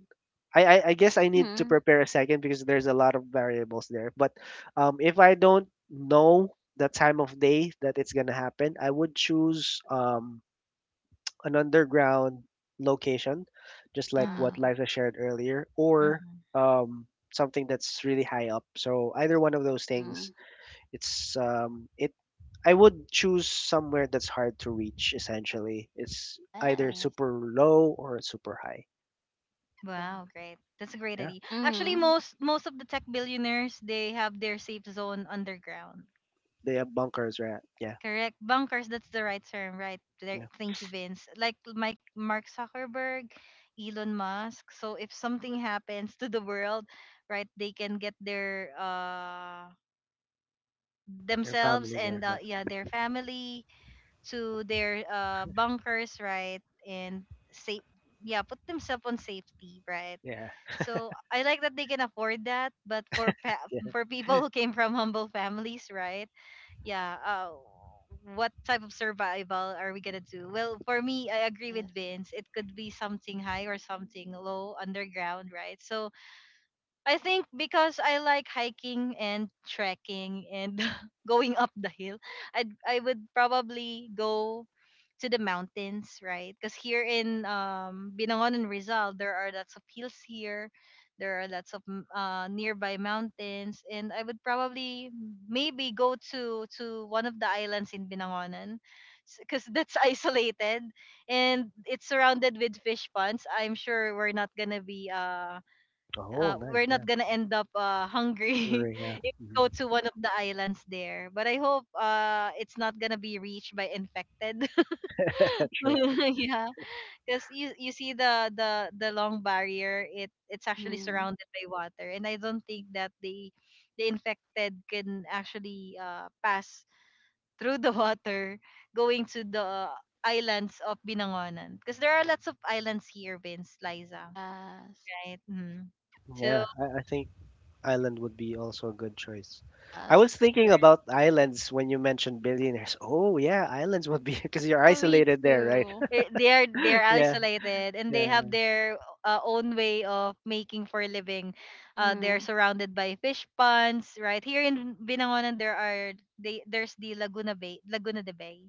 Speaker 3: I guess I need to
Speaker 2: Mhm.
Speaker 3: prepare a second because there's a lot of variables there. But if I don't know the time of day that it's gonna happen, I would choose an underground location, just like
Speaker 1: Mm-hmm.
Speaker 3: what
Speaker 2: Yeah.
Speaker 3: Liza shared earlier, or
Speaker 1: Mm-hmm.
Speaker 3: um, something that's really high up. So either one of those things,
Speaker 2: Mhm.
Speaker 3: it's it. I would choose somewhere that's hard to reach. Essentially, it's either
Speaker 2: Yes.
Speaker 3: super low or super high.
Speaker 2: Yeah.
Speaker 1: Wow, great. That's a great
Speaker 3: Yeah,
Speaker 1: idea. Actually,
Speaker 2: Mhm.
Speaker 1: most of the tech billionaires, they have their safe zone underground.
Speaker 3: they have bunkers, right? Yeah,
Speaker 1: Correct. Bunkers, that's the right term, right? There,
Speaker 3: yeah,
Speaker 1: thank you, Vince. Like Mike, Mark Zuckerberg, Elon Musk. So if something happens to the world, right, they can get their
Speaker 3: your
Speaker 1: themselves
Speaker 3: family there,
Speaker 1: and
Speaker 3: right?
Speaker 1: yeah, their family to their bunkers, right, and safe. Yeah, put themselves on safety, right?
Speaker 3: Yeah,
Speaker 1: So I like that they can afford that, but
Speaker 3: [laughs] yeah.
Speaker 1: for people who came from humble families, right? Yeah, what type of survival are we gonna do? Well, for me, I agree with
Speaker 2: Yes.
Speaker 1: Vince. It could be something high or something low underground, right? So I think because I like hiking and trekking and [laughs] going up the hill, I would probably go to the mountains, right? Because here in Binangon and Rizal, there are lots of hills here. There are lots of nearby mountains, and I would probably maybe go to one of the islands in Binangonan, because that's [laughs] isolated and it's surrounded with fish ponds. I'm sure we're not gonna be
Speaker 3: Oh, nice.
Speaker 1: we're
Speaker 3: Yeah,
Speaker 1: not gonna end up hungry.
Speaker 3: Hungary. Yeah,
Speaker 1: [laughs]
Speaker 3: hmm
Speaker 1: Go to one of the islands there, but I hope it's not gonna be reached by infected.
Speaker 3: [laughs] true.
Speaker 1: [laughs] Yeah. Because you see the, the long barrier, it it's actually
Speaker 2: Mhm.
Speaker 1: surrounded by water, and I don't think that the infected can actually pass through the water going to the islands of Binangonan, because there are lots of islands here, Vince, Liza,
Speaker 2: Yes.
Speaker 1: right? Mm.
Speaker 3: Yeah, I think Island would be also a good choice. I was
Speaker 2: Yes.
Speaker 3: thinking about islands when you mentioned billionaires. Oh yeah, islands would be [laughs] because you're
Speaker 2: Yeah, me
Speaker 3: isolated there, right?
Speaker 2: too.
Speaker 1: Eh, they are— they
Speaker 3: [laughs]
Speaker 1: are
Speaker 3: Yeah,
Speaker 1: isolated and they have
Speaker 3: yeah,
Speaker 1: their own way of making for a living. They're
Speaker 2: Mhm.
Speaker 1: surrounded by fish ponds, right? Here in Binangonan, there are— they there's the Laguna Bay, Laguna de Bay,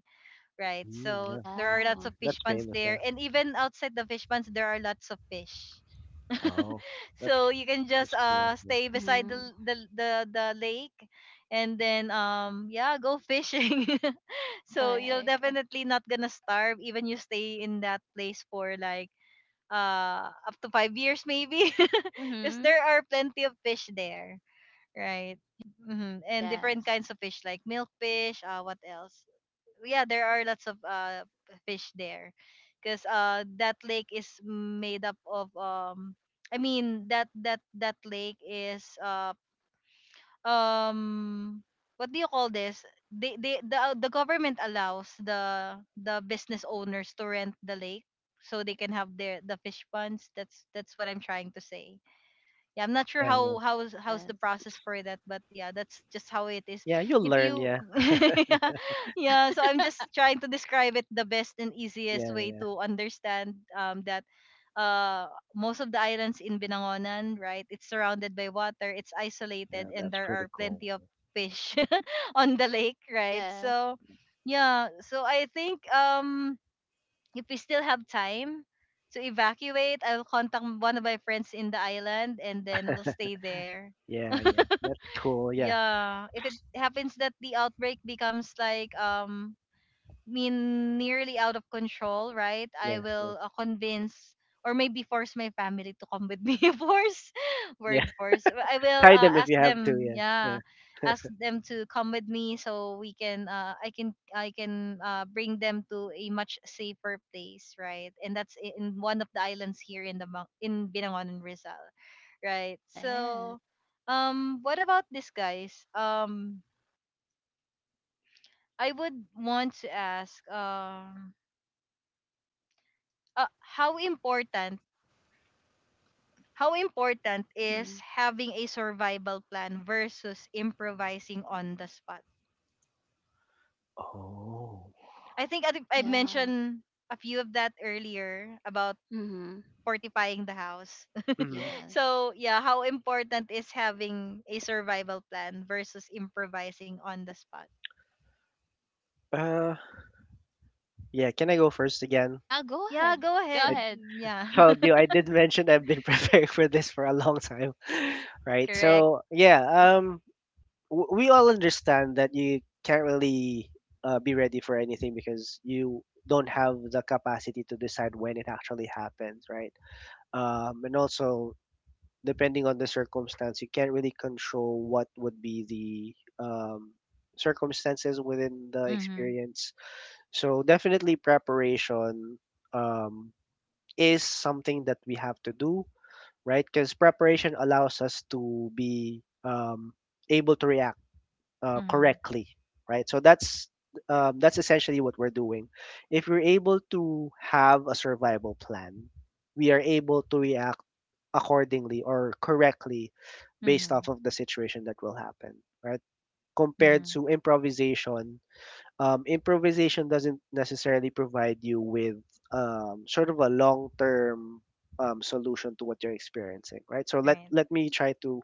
Speaker 1: right?
Speaker 3: mm,
Speaker 1: So
Speaker 3: yeah,
Speaker 1: there
Speaker 3: yeah.
Speaker 1: are lots
Speaker 2: Yeah.
Speaker 1: of fish
Speaker 3: That's
Speaker 1: ponds
Speaker 3: famous. Yeah.
Speaker 1: there, and even outside the fish ponds, there are lots of fish.
Speaker 3: Oh, that's
Speaker 1: So you can just
Speaker 3: that's cool. Yeah,
Speaker 1: stay beside
Speaker 2: Mhm.
Speaker 1: the lake, and then yeah, go fishing. [laughs] So you're
Speaker 2: Correct.
Speaker 1: definitely not gonna starve even you stay in that place for like up to 5 years maybe. [laughs] Because
Speaker 2: Mhm.
Speaker 1: there are plenty of fish there, right? And different
Speaker 2: Yes.
Speaker 1: kinds of fish like milkfish, what else? Yeah, there are lots of fish there because that lake is made up of I mean that lake is um what do you call this? The government allows the business owners to rent the lake so they can have the fish ponds. That's what I'm trying to say. Yeah, I'm not sure
Speaker 3: yeah, yeah.
Speaker 1: how's the
Speaker 2: Yes.
Speaker 1: process for that, but yeah, that's just how it is.
Speaker 3: Yeah, you'll
Speaker 1: If
Speaker 3: learn.
Speaker 1: you
Speaker 3: Yeah,
Speaker 1: [laughs] yeah,
Speaker 2: Yeah.
Speaker 1: yeah, so I'm just
Speaker 2: [laughs]
Speaker 1: trying to describe it the best and easiest way
Speaker 3: yeah,
Speaker 1: to understand that uh most of the islands in Binangonan, right? It's surrounded by water, it's isolated,
Speaker 3: yeah.
Speaker 1: and
Speaker 3: That's
Speaker 1: there
Speaker 3: pretty
Speaker 1: are
Speaker 3: cool.
Speaker 1: plenty of fish [laughs] on the lake, right?
Speaker 2: Yes.
Speaker 1: So yeah, so I think, if we still have time to evacuate, I'll contact one of my friends in the island and then we'll stay there.
Speaker 3: Yeah, yeah. That's cool. Yeah,
Speaker 1: Yeah. If it happens that the outbreak becomes like mean nearly out of control, right? I
Speaker 3: yeah, yeah.
Speaker 1: will convince or maybe force my family to come with me. [laughs] Force,
Speaker 3: Yeah.
Speaker 1: word force. I
Speaker 3: [laughs]
Speaker 1: will
Speaker 3: Tie them if
Speaker 1: ask
Speaker 3: you have to.
Speaker 1: them,
Speaker 3: Yeah, yeah.
Speaker 1: yeah, ask them to come with me so we can, I can bring them to a much safer place, right? And that's I- in one of the islands here in the Mang- in Binangon and Rizal, right?
Speaker 2: Yes.
Speaker 1: So, what about this, guys? I would want to ask, uh, how important how important is
Speaker 2: Mhm.
Speaker 1: having a survival plan versus improvising on the spot?
Speaker 3: Oh.
Speaker 1: I
Speaker 2: Yeah.
Speaker 1: mentioned a few of that earlier about
Speaker 2: Mhm.
Speaker 1: fortifying the house.
Speaker 3: Mm.
Speaker 1: [laughs]
Speaker 2: Yes.
Speaker 1: So yeah, how important is having a survival plan versus improvising on the spot?
Speaker 3: Uh. Yeah. Can I go first again?
Speaker 2: Yeah, go
Speaker 1: Yeah,
Speaker 2: ahead.
Speaker 1: go ahead.
Speaker 2: Go
Speaker 3: I
Speaker 1: Mm,
Speaker 2: ahead.
Speaker 1: yeah.
Speaker 3: told you,
Speaker 1: [laughs]
Speaker 3: I did mention I've been [laughs] preparing for this for a long time, [laughs] right?
Speaker 1: Correct.
Speaker 3: So yeah, um, we all understand that you can't really be ready for anything because you don't have the capacity to decide when it actually happens, right? And also depending on the circumstance, you can't really control what would be the circumstances within the
Speaker 1: Mhm.
Speaker 3: experience. So definitely preparation um, is something that we have to do, right? Because preparation allows us to be able to react
Speaker 1: Mhm.
Speaker 3: correctly, right? So that's essentially what we're doing. If we're able to have a survival plan, we are able to react accordingly or correctly based
Speaker 1: Mhm.
Speaker 3: off of the situation that will happen, right? Compared
Speaker 1: Mhm.
Speaker 3: to improvisation, improvisation doesn't necessarily provide you with sort of a long term solution to what you're experiencing, right? So let
Speaker 1: Right.
Speaker 3: let me try to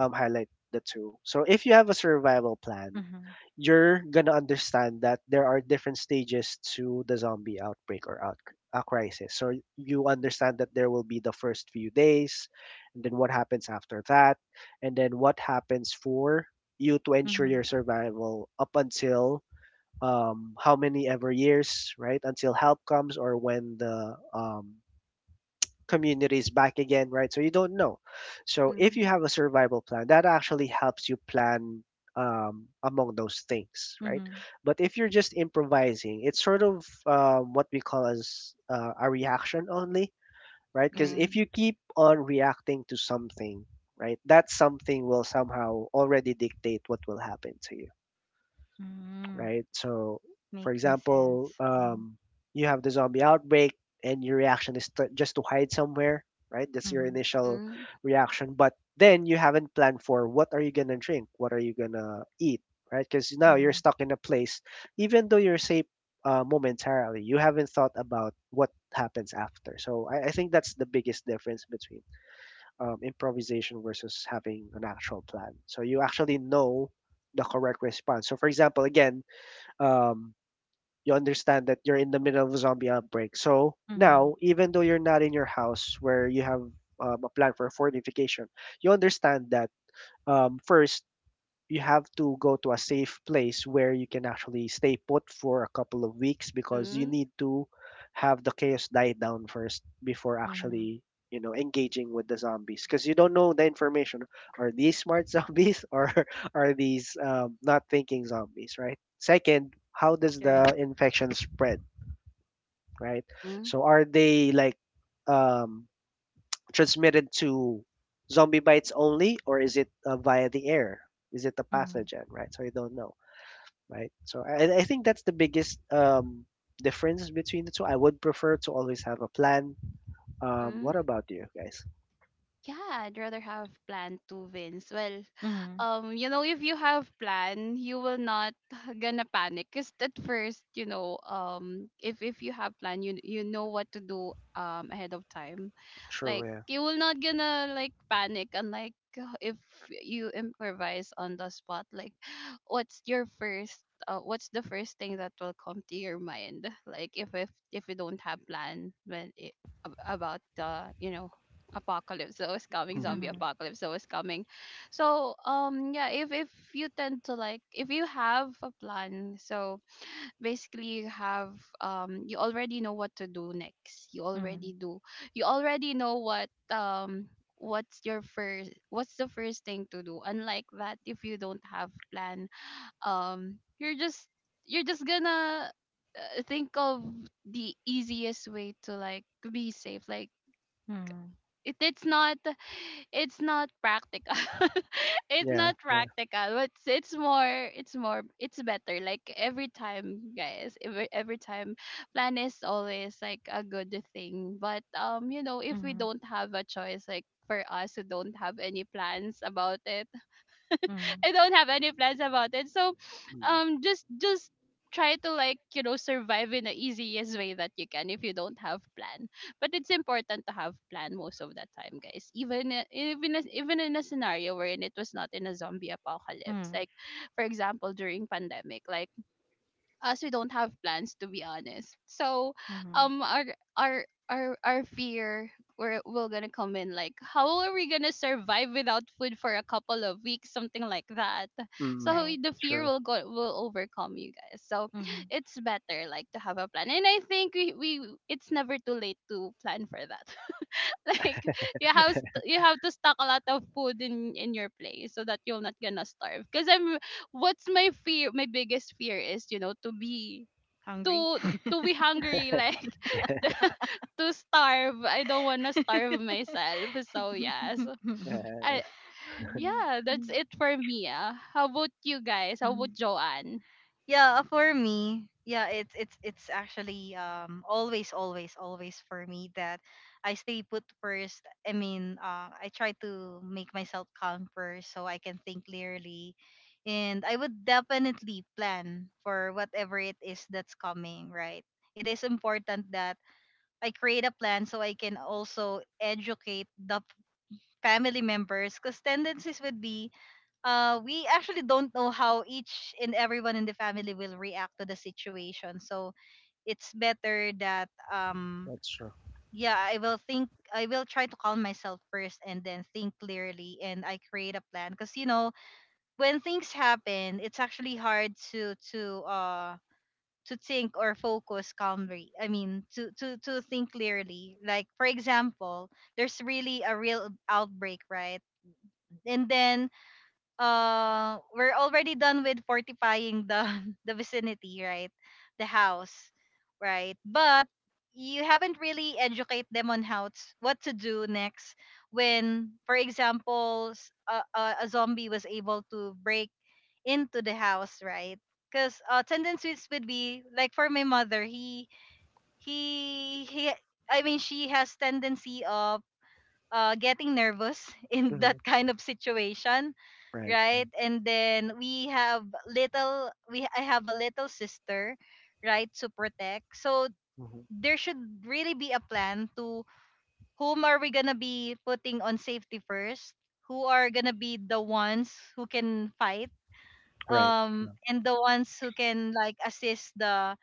Speaker 3: highlight the two. So if you have a survival plan,
Speaker 1: Mhm.
Speaker 3: you're gonna understand that there are different stages to the zombie outbreak or out a crisis. So you understand that there will be the first few days, and then what happens after that, and then what happens for you to ensure
Speaker 1: Mhm.
Speaker 3: your survival up until how many ever years, right? Until help comes or when the community is back again, right? So you don't know. So if you
Speaker 2: Mhm.
Speaker 3: have a survival plan, that actually helps you plan among those things, right?
Speaker 1: Mhm.
Speaker 3: But if you're just improvising, it's sort of what we call as a reaction only, right? Because
Speaker 1: Right.
Speaker 3: if
Speaker 2: Mhm.
Speaker 3: you keep on reacting to something, right, that something will somehow already dictate what will happen to you,
Speaker 1: Mm.
Speaker 3: right? So, for
Speaker 1: Making
Speaker 3: example,
Speaker 1: sense. Mhm.
Speaker 3: you have the zombie outbreak, and your reaction is to, just to hide somewhere, right? That's your
Speaker 1: Mhm.
Speaker 3: initial
Speaker 2: Mhm.
Speaker 3: reaction. But then you haven't planned for what are you gonna drink, what are you gonna eat, right? Because now you're
Speaker 1: Mhm.
Speaker 3: stuck in a place, even though you're safe momentarily, you haven't thought about what happens after. So I think that's the biggest difference between improvisation versus having an actual plan. So you actually know the correct response. So, for example, again, um, you understand that you're in the middle of a zombie outbreak. So
Speaker 1: Mhm.
Speaker 3: now, even though you're not in your house where you have a plan for fortification, you understand that first you have to go to a safe place where you can actually stay put for a couple of weeks because you
Speaker 2: Mhm.
Speaker 3: need to have the chaos die down first before
Speaker 1: Mhm.
Speaker 3: actually, you know, engaging with the zombies because you don't know the information. Are these smart zombies [laughs] or are these not thinking zombies? Right, second, how does the
Speaker 1: Correct.
Speaker 3: infection spread, right?
Speaker 2: Mhm.
Speaker 3: So are they like um transmitted to zombie bites only, or is it via the air? Is it a
Speaker 1: Mhm.
Speaker 3: pathogen, right? So you don't know, right? So I think that's the biggest difference between the two. I would prefer to always have a plan.
Speaker 2: Mhm.
Speaker 3: What about you guys?
Speaker 2: Yeah, I'd rather have plan to wins. Well,
Speaker 1: Mhm.
Speaker 2: you know, if you have plan, you will not [laughs] gonna panic. Cause at first, you know, if you have plan, you know what to do ahead of time. Like
Speaker 3: Sure, yeah.
Speaker 2: you will not gonna like panic, unlike [laughs] if you improvise on the spot. Like [gasps] what's your first, what's the first thing that will come to your mind? Like if you don't have plan when it, about the, you know, apocalypse that was coming, zombie
Speaker 3: Mhm.
Speaker 1: Mhm.
Speaker 2: apocalypse that was coming. So yeah, if you tend to like, if you have a plan, so basically you have you already know what to do next, you
Speaker 1: Mhm.
Speaker 2: already do, you already know what, what's your first, what's the first thing to do, unlike that if you don't have plan, you're just, you're just gonna, think of the easiest way to like be safe. Like
Speaker 1: Mhm.
Speaker 2: it, it's not it's not practical, [laughs] it's
Speaker 3: Yeah,
Speaker 2: not
Speaker 3: yeah.
Speaker 2: practical. But it's more it's more it's better like every time, guys. Every time, plan is always like a good thing. But you know, if we
Speaker 1: Mhm.
Speaker 2: don't have a choice, like for us who don't have any plans about it, [laughs]
Speaker 1: Mhm.
Speaker 2: I don't have any plans about it. So
Speaker 3: Mm.
Speaker 2: just try to, like, you know, survive in the easiest way that you can if you don't have plan. But it's important to have plan most of the time, guys. Even even in a scenario wherein it was not in a zombie apocalypse,
Speaker 1: Mhm.
Speaker 2: like for example during pandemic, like us, we don't have plans, to be honest. So
Speaker 1: Mhm.
Speaker 2: our our fear, we're gonna come in like how are we gonna survive without food for a couple of weeks, something like that.
Speaker 3: Mm.
Speaker 2: So
Speaker 1: Right.
Speaker 2: the fear
Speaker 3: Sure,
Speaker 2: will go, will overcome you, guys. So
Speaker 1: Mhm.
Speaker 2: it's better like to have a plan, and I think we, it's never too late to plan for that. [laughs] Like you have you have to stock a lot of food in your place so that you're not gonna starve. Because I'm, what's my fear, my biggest fear is, you know, to be,
Speaker 1: Hungry.
Speaker 2: to to be hungry. Like [laughs] to to starve. I don't want to starve myself, so yes.
Speaker 1: [laughs]
Speaker 3: yeah,
Speaker 2: I yeah, that's it for me, ah. How about you, guys? How about
Speaker 1: Mhm.
Speaker 2: Joanne?
Speaker 1: Yeah, for me, yeah, it's actually always for me that I stay put first. I mean, I try to make myself calm first so I can think clearly, and I would definitely plan for whatever it is that's coming. Right, it is important that I create a plan so I can also educate the family members, because tendencies would be we actually don't know how each and everyone in the family will react to the situation. So it's better that
Speaker 3: that's true.
Speaker 1: yeah, I will think I will try to calm myself first and then think clearly and I create a plan, because you know when things happen, it's actually hard to to think or focus calmly. I mean, to think clearly. Like for example, there's really a real outbreak, right? And then we're already done with fortifying the [laughs] the vicinity, right? The house, right? But you haven't really educate them on how to, what to do next when for example s- a zombie was able to break into the house, right? Because tendencies would be like for my mother, he I mean she has tendency of getting nervous [laughs] in that
Speaker 3: Hmm.
Speaker 1: kind of situation,
Speaker 3: Right, yeah.
Speaker 1: right? And then we have little, we I have a little sister, right, to protect. So
Speaker 3: Hmm.
Speaker 1: there should really be a plan to whom are we gonna be putting on safety first? Who are gonna be the ones who can fight?
Speaker 3: Right. Yeah.
Speaker 1: And the ones who can like assist the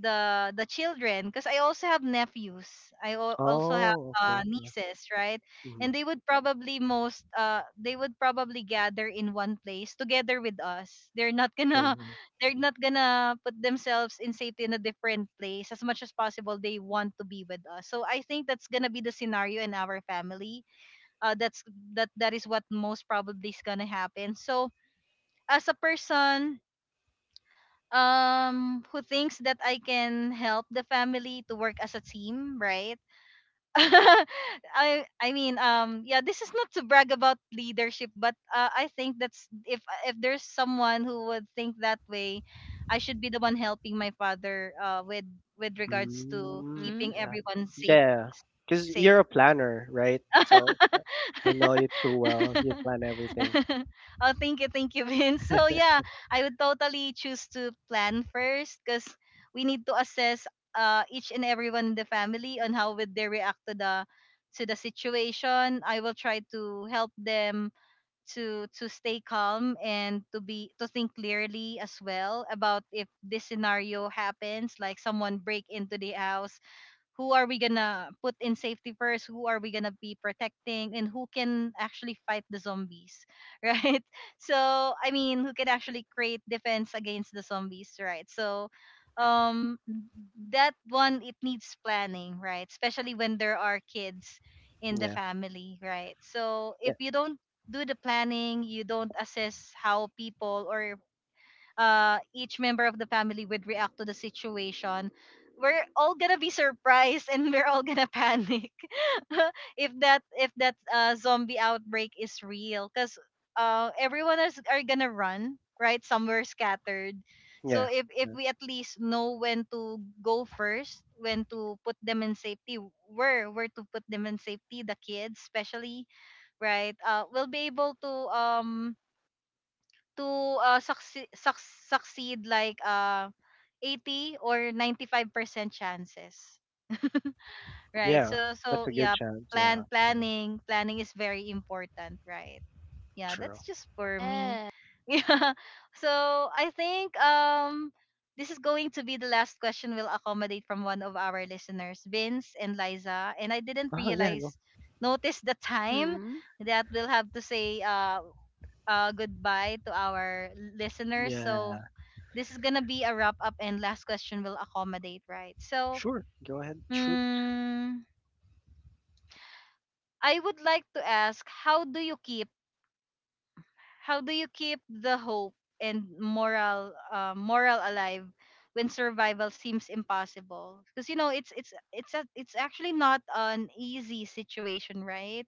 Speaker 1: the the children, because I also have nephews. I al- also have
Speaker 3: Oh, okay, yeah.
Speaker 1: nieces, right?
Speaker 3: Hmm.
Speaker 1: And they would probably most they would probably gather in one place together with us. They're not
Speaker 3: Sure.
Speaker 1: gonna [laughs] they're not gonna put themselves in safety in a different place as much as possible. They want to be with us. So I think that's gonna be the scenario in our family. That's that is what most probably is gonna happen. So as a person who thinks that I can help the family to work as a team, right? [laughs] I mean yeah, this is not to brag about leadership, but I think that's if there's someone who would think that way, I should be the one helping my father with regards to
Speaker 3: Mm,
Speaker 2: Hmm.
Speaker 1: keeping
Speaker 3: yeah.
Speaker 1: everyone safe
Speaker 3: Yeah. Because you're
Speaker 1: safe
Speaker 3: a planner, right? So I know
Speaker 1: [laughs]
Speaker 3: you too well. You plan everything.
Speaker 1: [laughs] Oh, thank you, [laughs] Vince. So yeah, I would totally choose to plan first because we need to assess each and everyone in the family on how would they react to the situation. I will try to help them to stay calm and to be to think clearly as well about if this scenario happens like someone break into the house, who are we gonna put in safety first, who are we gonna be protecting, and who can actually fight the zombies? [laughs] Right, so I mean, who can actually create defense against the zombies, right? So um that one, it needs planning, right? Especially when there are kids in the
Speaker 3: Yeah.
Speaker 1: family, right? So
Speaker 3: Yeah.
Speaker 1: if you don't do the planning, you don't assess how people or each member of the family would react to the situation, we're all gonna be surprised and we're all gonna [laughs] panic [laughs] if that zombie outbreak is real, because everyone is are gonna run right somewhere scattered. So
Speaker 3: Yeah.
Speaker 1: if
Speaker 3: Yeah.
Speaker 1: we at least know when to go first, when to put them in safety, where to put them in safety, the kids especially, right? We'll be able to to succeed like 80 or 95% chances, right?
Speaker 3: Yeah.
Speaker 1: So
Speaker 3: That's
Speaker 1: so
Speaker 3: a good
Speaker 1: yeah,
Speaker 3: chance. Yeah.
Speaker 1: plan,
Speaker 3: Yeah.
Speaker 1: planning is very important, right? Yeah,
Speaker 3: True.
Speaker 1: that's just for me.
Speaker 2: Yeah.
Speaker 1: [laughs] Yeah. So I think, this is going to be the last question we'll accommodate from one of our listeners, Vince and Liza, and I didn't
Speaker 3: Oh, yeah. Go.
Speaker 1: realize notice the time
Speaker 2: Hmm.
Speaker 1: that we'll have to say goodbye to our listeners. So
Speaker 3: Yeah.
Speaker 1: this is gonna be a wrap up and last question will accommodate, right? So,
Speaker 3: Sure. Go ahead. Shoot.
Speaker 1: mm, I would like to ask, how do you keep the hope and moral, moral alive when survival seems impossible? Because you know it's actually not an easy situation, right?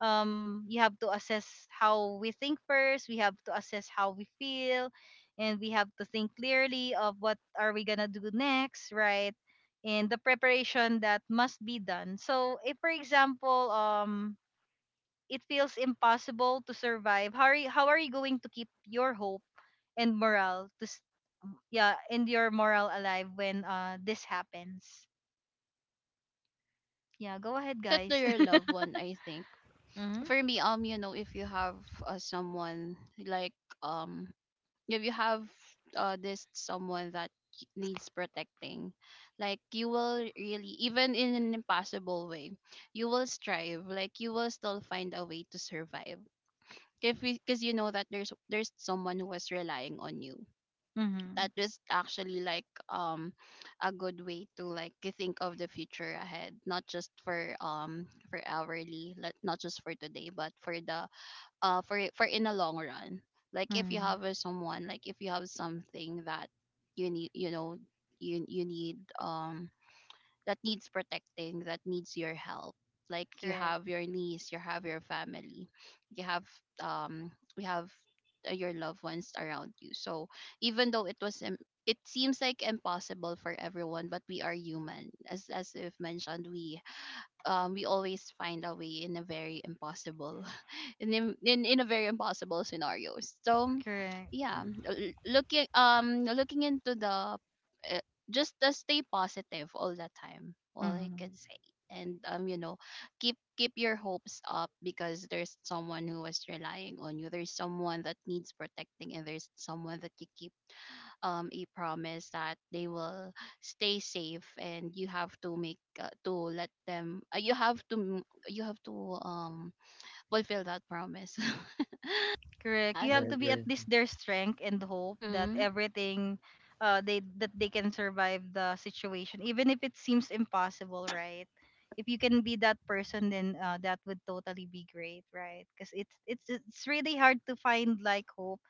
Speaker 1: you have to assess how we think first, we have to assess how we feel, and we have to think clearly of what are we gonna do next, right? And the preparation that must be done. So if for example it feels impossible to survive, how are you going to keep your hope and morale to s- yeah, and your morale alive when this happens? Yeah, go ahead,
Speaker 2: To cut to
Speaker 1: guys.
Speaker 2: your loved one, I think
Speaker 1: [laughs] Mm-hmm.
Speaker 2: for me, you know, if you have someone like, um if you have this someone that needs protecting, like you will really, even in an impossible way, you will strive, like you will still find a way to survive if because you know that there's someone who is relying on you.
Speaker 1: Mm-hmm.
Speaker 2: That is actually like a good way to like you think of the future ahead, not just for hourly, not just for today, but for the, for for in the long run. Like if you
Speaker 1: Mm.
Speaker 2: have a someone, like if you have something that you need, you know, you need, that needs protecting, that needs your help. Like you
Speaker 1: Correct.
Speaker 2: have your niece, you have your family, you have, um we have, your loved ones around you. So even though it was it seems like impossible for everyone, but we are human, as we've mentioned, we always find a way in a very impossible [laughs] in a very impossible scenarios. So
Speaker 1: Correct.
Speaker 2: yeah,
Speaker 3: Mm,
Speaker 2: looking, looking into the, uh, just stay positive all the time, all I
Speaker 1: Mm-hmm.
Speaker 2: can say. And you know, keep your hopes up because there's someone who is relying on you, there's someone that needs protecting, and there's someone that you keep a promise that they will stay safe. And you have to make to let them, you have to you have to um fulfill that promise. [laughs]
Speaker 1: Correct. You
Speaker 2: Yes.
Speaker 3: I
Speaker 1: have to be at
Speaker 3: agree.
Speaker 1: least their strength and hope that
Speaker 2: Mhm.
Speaker 1: everything they that they can survive the situation even if it seems impossible, right? If you can be that person, then that would totally be great, right? Cuz it's really hard to find like hope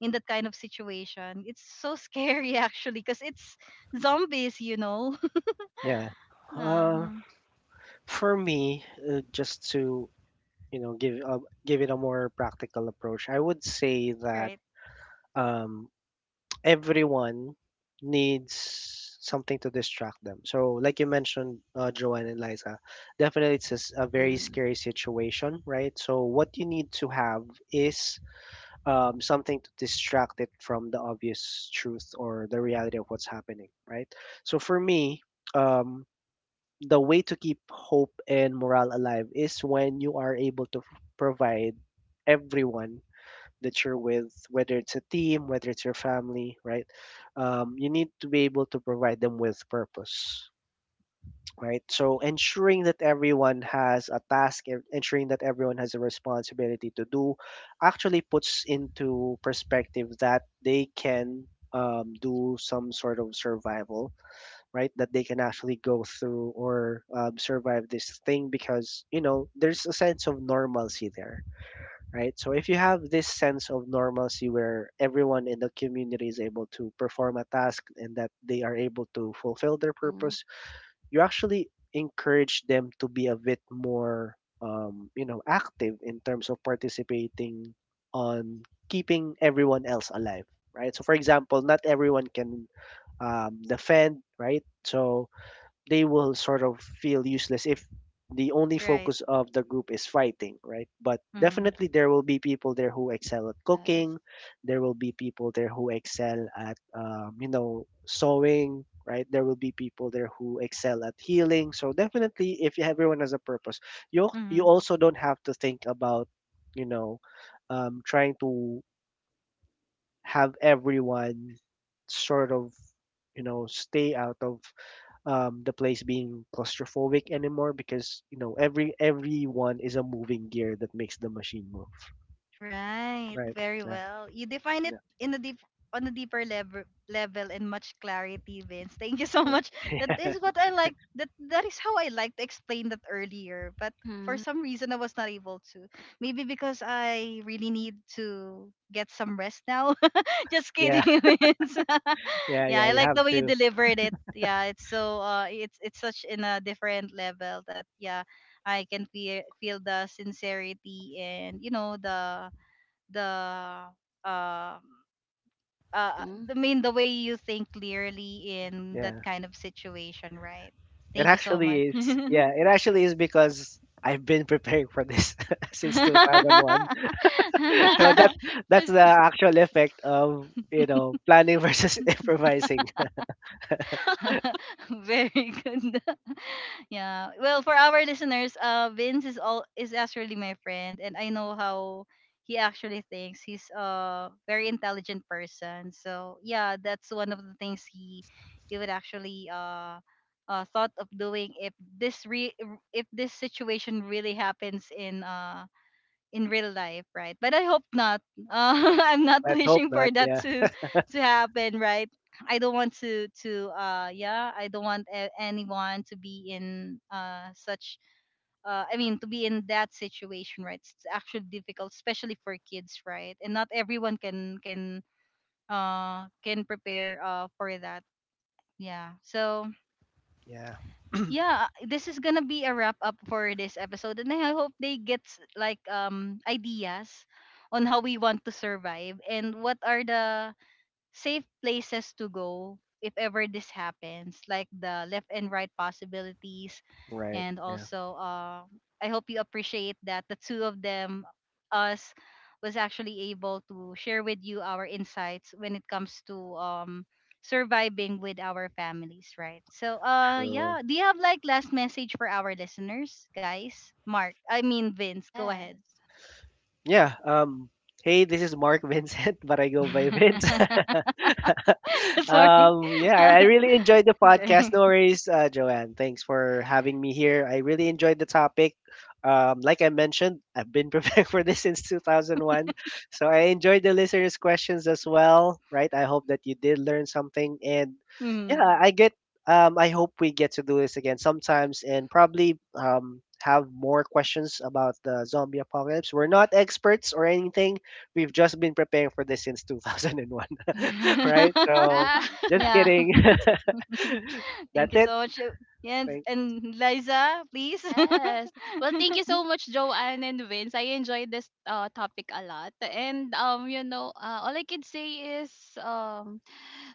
Speaker 1: in that kind of situation. It's so scary [laughs] actually cuz it's zombies, you know. [laughs]
Speaker 2: Yeah.
Speaker 3: Yeah. Uh,
Speaker 1: Uh-huh.
Speaker 3: for me, just to, you know, give give it a more practical approach, I would say that
Speaker 1: Right.
Speaker 3: um everyone needs something to distract them. So, like you mentioned, Joanne and Liza, definitely it's a very
Speaker 2: Mhm.
Speaker 3: scary situation, right? So, what you need to have is something to distract it from the obvious truth or the reality of what's happening, right? So, for me, um, the way to keep hope and morale alive is when you are able to provide everyone that you're with, whether it's a team, whether it's your family, right? You need to be able to provide them with purpose, right? So ensuring that everyone has a task, ensuring that everyone has a responsibility to do, actually puts into perspective that they can do some sort of survival, right? That they can actually go through or survive this thing because, you know, there's a sense of normalcy there, right? So if you have this sense of normalcy where everyone in the community is able to perform a task and that they are able to fulfill their
Speaker 2: Mhm.
Speaker 3: purpose, you actually encourage them to be a bit more, you know, active in terms of participating on keeping everyone else alive, right? So for example, not everyone can defend, right? So they will sort of feel useless if the only
Speaker 1: Right.
Speaker 3: focus of the group is fighting, right? But
Speaker 1: Mm.
Speaker 3: definitely there will be people there who excel at cooking.
Speaker 2: Yes.
Speaker 3: There will be people there who excel at, you know, sewing, right? There will be people there who excel at healing. So definitely, if you- everyone has a purpose, you
Speaker 1: Mm-hmm.
Speaker 3: also don't have to think about, you know, trying to have everyone sort of, you know, stay out of the place being claustrophobic anymore because you know everyone is a moving gear that makes the machine move.
Speaker 1: Right,
Speaker 3: Right.
Speaker 1: very
Speaker 3: Yeah.
Speaker 1: well. You define it
Speaker 3: Yeah.
Speaker 1: in a deep on a deeper level and much clarity, Vince. Thank you [laughs] so
Speaker 3: Yeah.
Speaker 1: much. That is what I like. That is how I like to explain that earlier, but for
Speaker 2: Mhm.
Speaker 1: some reason I was not able to. Maybe because I really need to get some rest now. [laughs] Just
Speaker 3: Yeah.
Speaker 1: kidding, [laughs]
Speaker 3: [laughs]
Speaker 1: Vince. [laughs]
Speaker 3: Yeah.
Speaker 1: Yeah,
Speaker 3: Yeah,
Speaker 1: I
Speaker 3: you
Speaker 1: like
Speaker 3: have
Speaker 1: the way you
Speaker 3: to.
Speaker 1: delivered it. Yeah, it's so it's such in a different level that yeah, I can feel the sincerity, and you know the um uh
Speaker 2: Mhm.
Speaker 1: the way you think clearly in that
Speaker 3: Yeah.
Speaker 1: kind of situation, right?
Speaker 3: It
Speaker 1: Thank you so
Speaker 3: actually
Speaker 1: much.
Speaker 3: is. Yeah. It actually is because I've been [laughs] preparing for this [laughs] since 2001. [laughs]
Speaker 2: Yeah.
Speaker 3: So
Speaker 1: [laughs]
Speaker 3: that's the actual effect of, you know, planning versus [laughs] improvising.
Speaker 2: [laughs] Yes.
Speaker 1: [laughs] Very good. [laughs] Yeah. Well, for our listeners, Vince is all is actually my friend, and I know how he actually thinks. He's a very intelligent person. So yeah, that's one of the things he would actually thought of doing if this re if this situation really happens in real life, right? But I hope not. Uh, [laughs] I'm not
Speaker 3: [laughs] Let's hope
Speaker 1: wishing for
Speaker 3: not.
Speaker 1: that
Speaker 3: Yeah.
Speaker 1: to happen, right? I don't want to yeah, I don't want a- anyone to be in such I mean to be in that situation, right? It's actually difficult, especially for kids, right? And not everyone can prepare for that. Yeah. So
Speaker 3: Yeah.
Speaker 1: yeah, this is gonna be a wrap up for this episode, and I hope they get s- like ideas on how we want to survive and what are the safe places to go if ever this happens, like the left and right possibilities.
Speaker 3: Right.
Speaker 1: And
Speaker 3: Yeah.
Speaker 1: also, I hope you appreciate that the two of them, us, was actually able to share with you our insights when it comes to surviving with our families, right? So,
Speaker 3: True.
Speaker 1: yeah. Do you have like last message for our listeners, guys? Mark, I mean Vince, go
Speaker 2: Yeah. [laughs]
Speaker 1: ahead.
Speaker 2: Yes.
Speaker 3: Yeah. Hey, this is Mark Vincent, [laughs] but I go by Vince.
Speaker 1: [laughs]
Speaker 3: [laughs]
Speaker 1: Sorry.
Speaker 3: Um. Yeah, I really enjoyed the
Speaker 1: [laughs]
Speaker 3: podcast.
Speaker 1: Okay.
Speaker 3: No worries, Joanne. Thanks for having me here. I really enjoyed the topic. Like I mentioned, I've been [laughs] preparing for this since 2001, so I enjoyed the listeners' questions as well. Right. I hope that you did learn something, and
Speaker 1: Hmm.
Speaker 3: yeah, I get, I hope we get to do this again sometimes and probably have more questions about the zombie apocalypse. We're not experts or anything. We've just been preparing for this since 2001, [laughs] right? So,
Speaker 2: Yeah.
Speaker 1: [laughs]
Speaker 3: just
Speaker 1: Yeah.
Speaker 2: [laughs]
Speaker 3: kidding.
Speaker 1: [laughs]
Speaker 3: [laughs]
Speaker 1: Thank
Speaker 3: That's
Speaker 1: you
Speaker 3: it.
Speaker 1: so much. Yes,
Speaker 3: Thanks.
Speaker 1: and Liza, please.
Speaker 2: Yes. Well, thank you
Speaker 1: [laughs]
Speaker 2: so much, Joanne and Vince. I enjoyed this topic a lot. And you know, all I can say is um,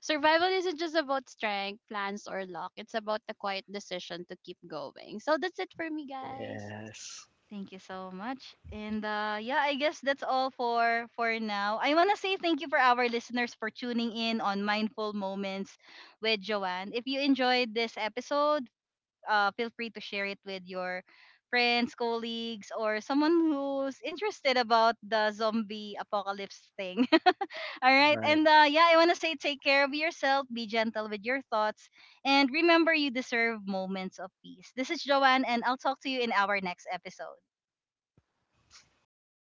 Speaker 2: survival isn't just about strength, plans, or luck. It's about the quiet decision to keep going. So that's it for me, guys.
Speaker 3: Yes.
Speaker 1: Thank you so much. And yeah, I guess that's all for now. I wanna say thank you for our listeners for tuning in on Mindful Moments with Joanne. If you enjoyed this episode, feel free to share it with your friends, colleagues, or someone who's interested about the zombie apocalypse thing. All right.
Speaker 3: Right.
Speaker 1: And yeah, I want to say take care of yourself, be gentle with your thoughts, and remember you deserve moments of peace. This is Joanne, and I'll talk to you in our next episode.
Speaker 3: Bye.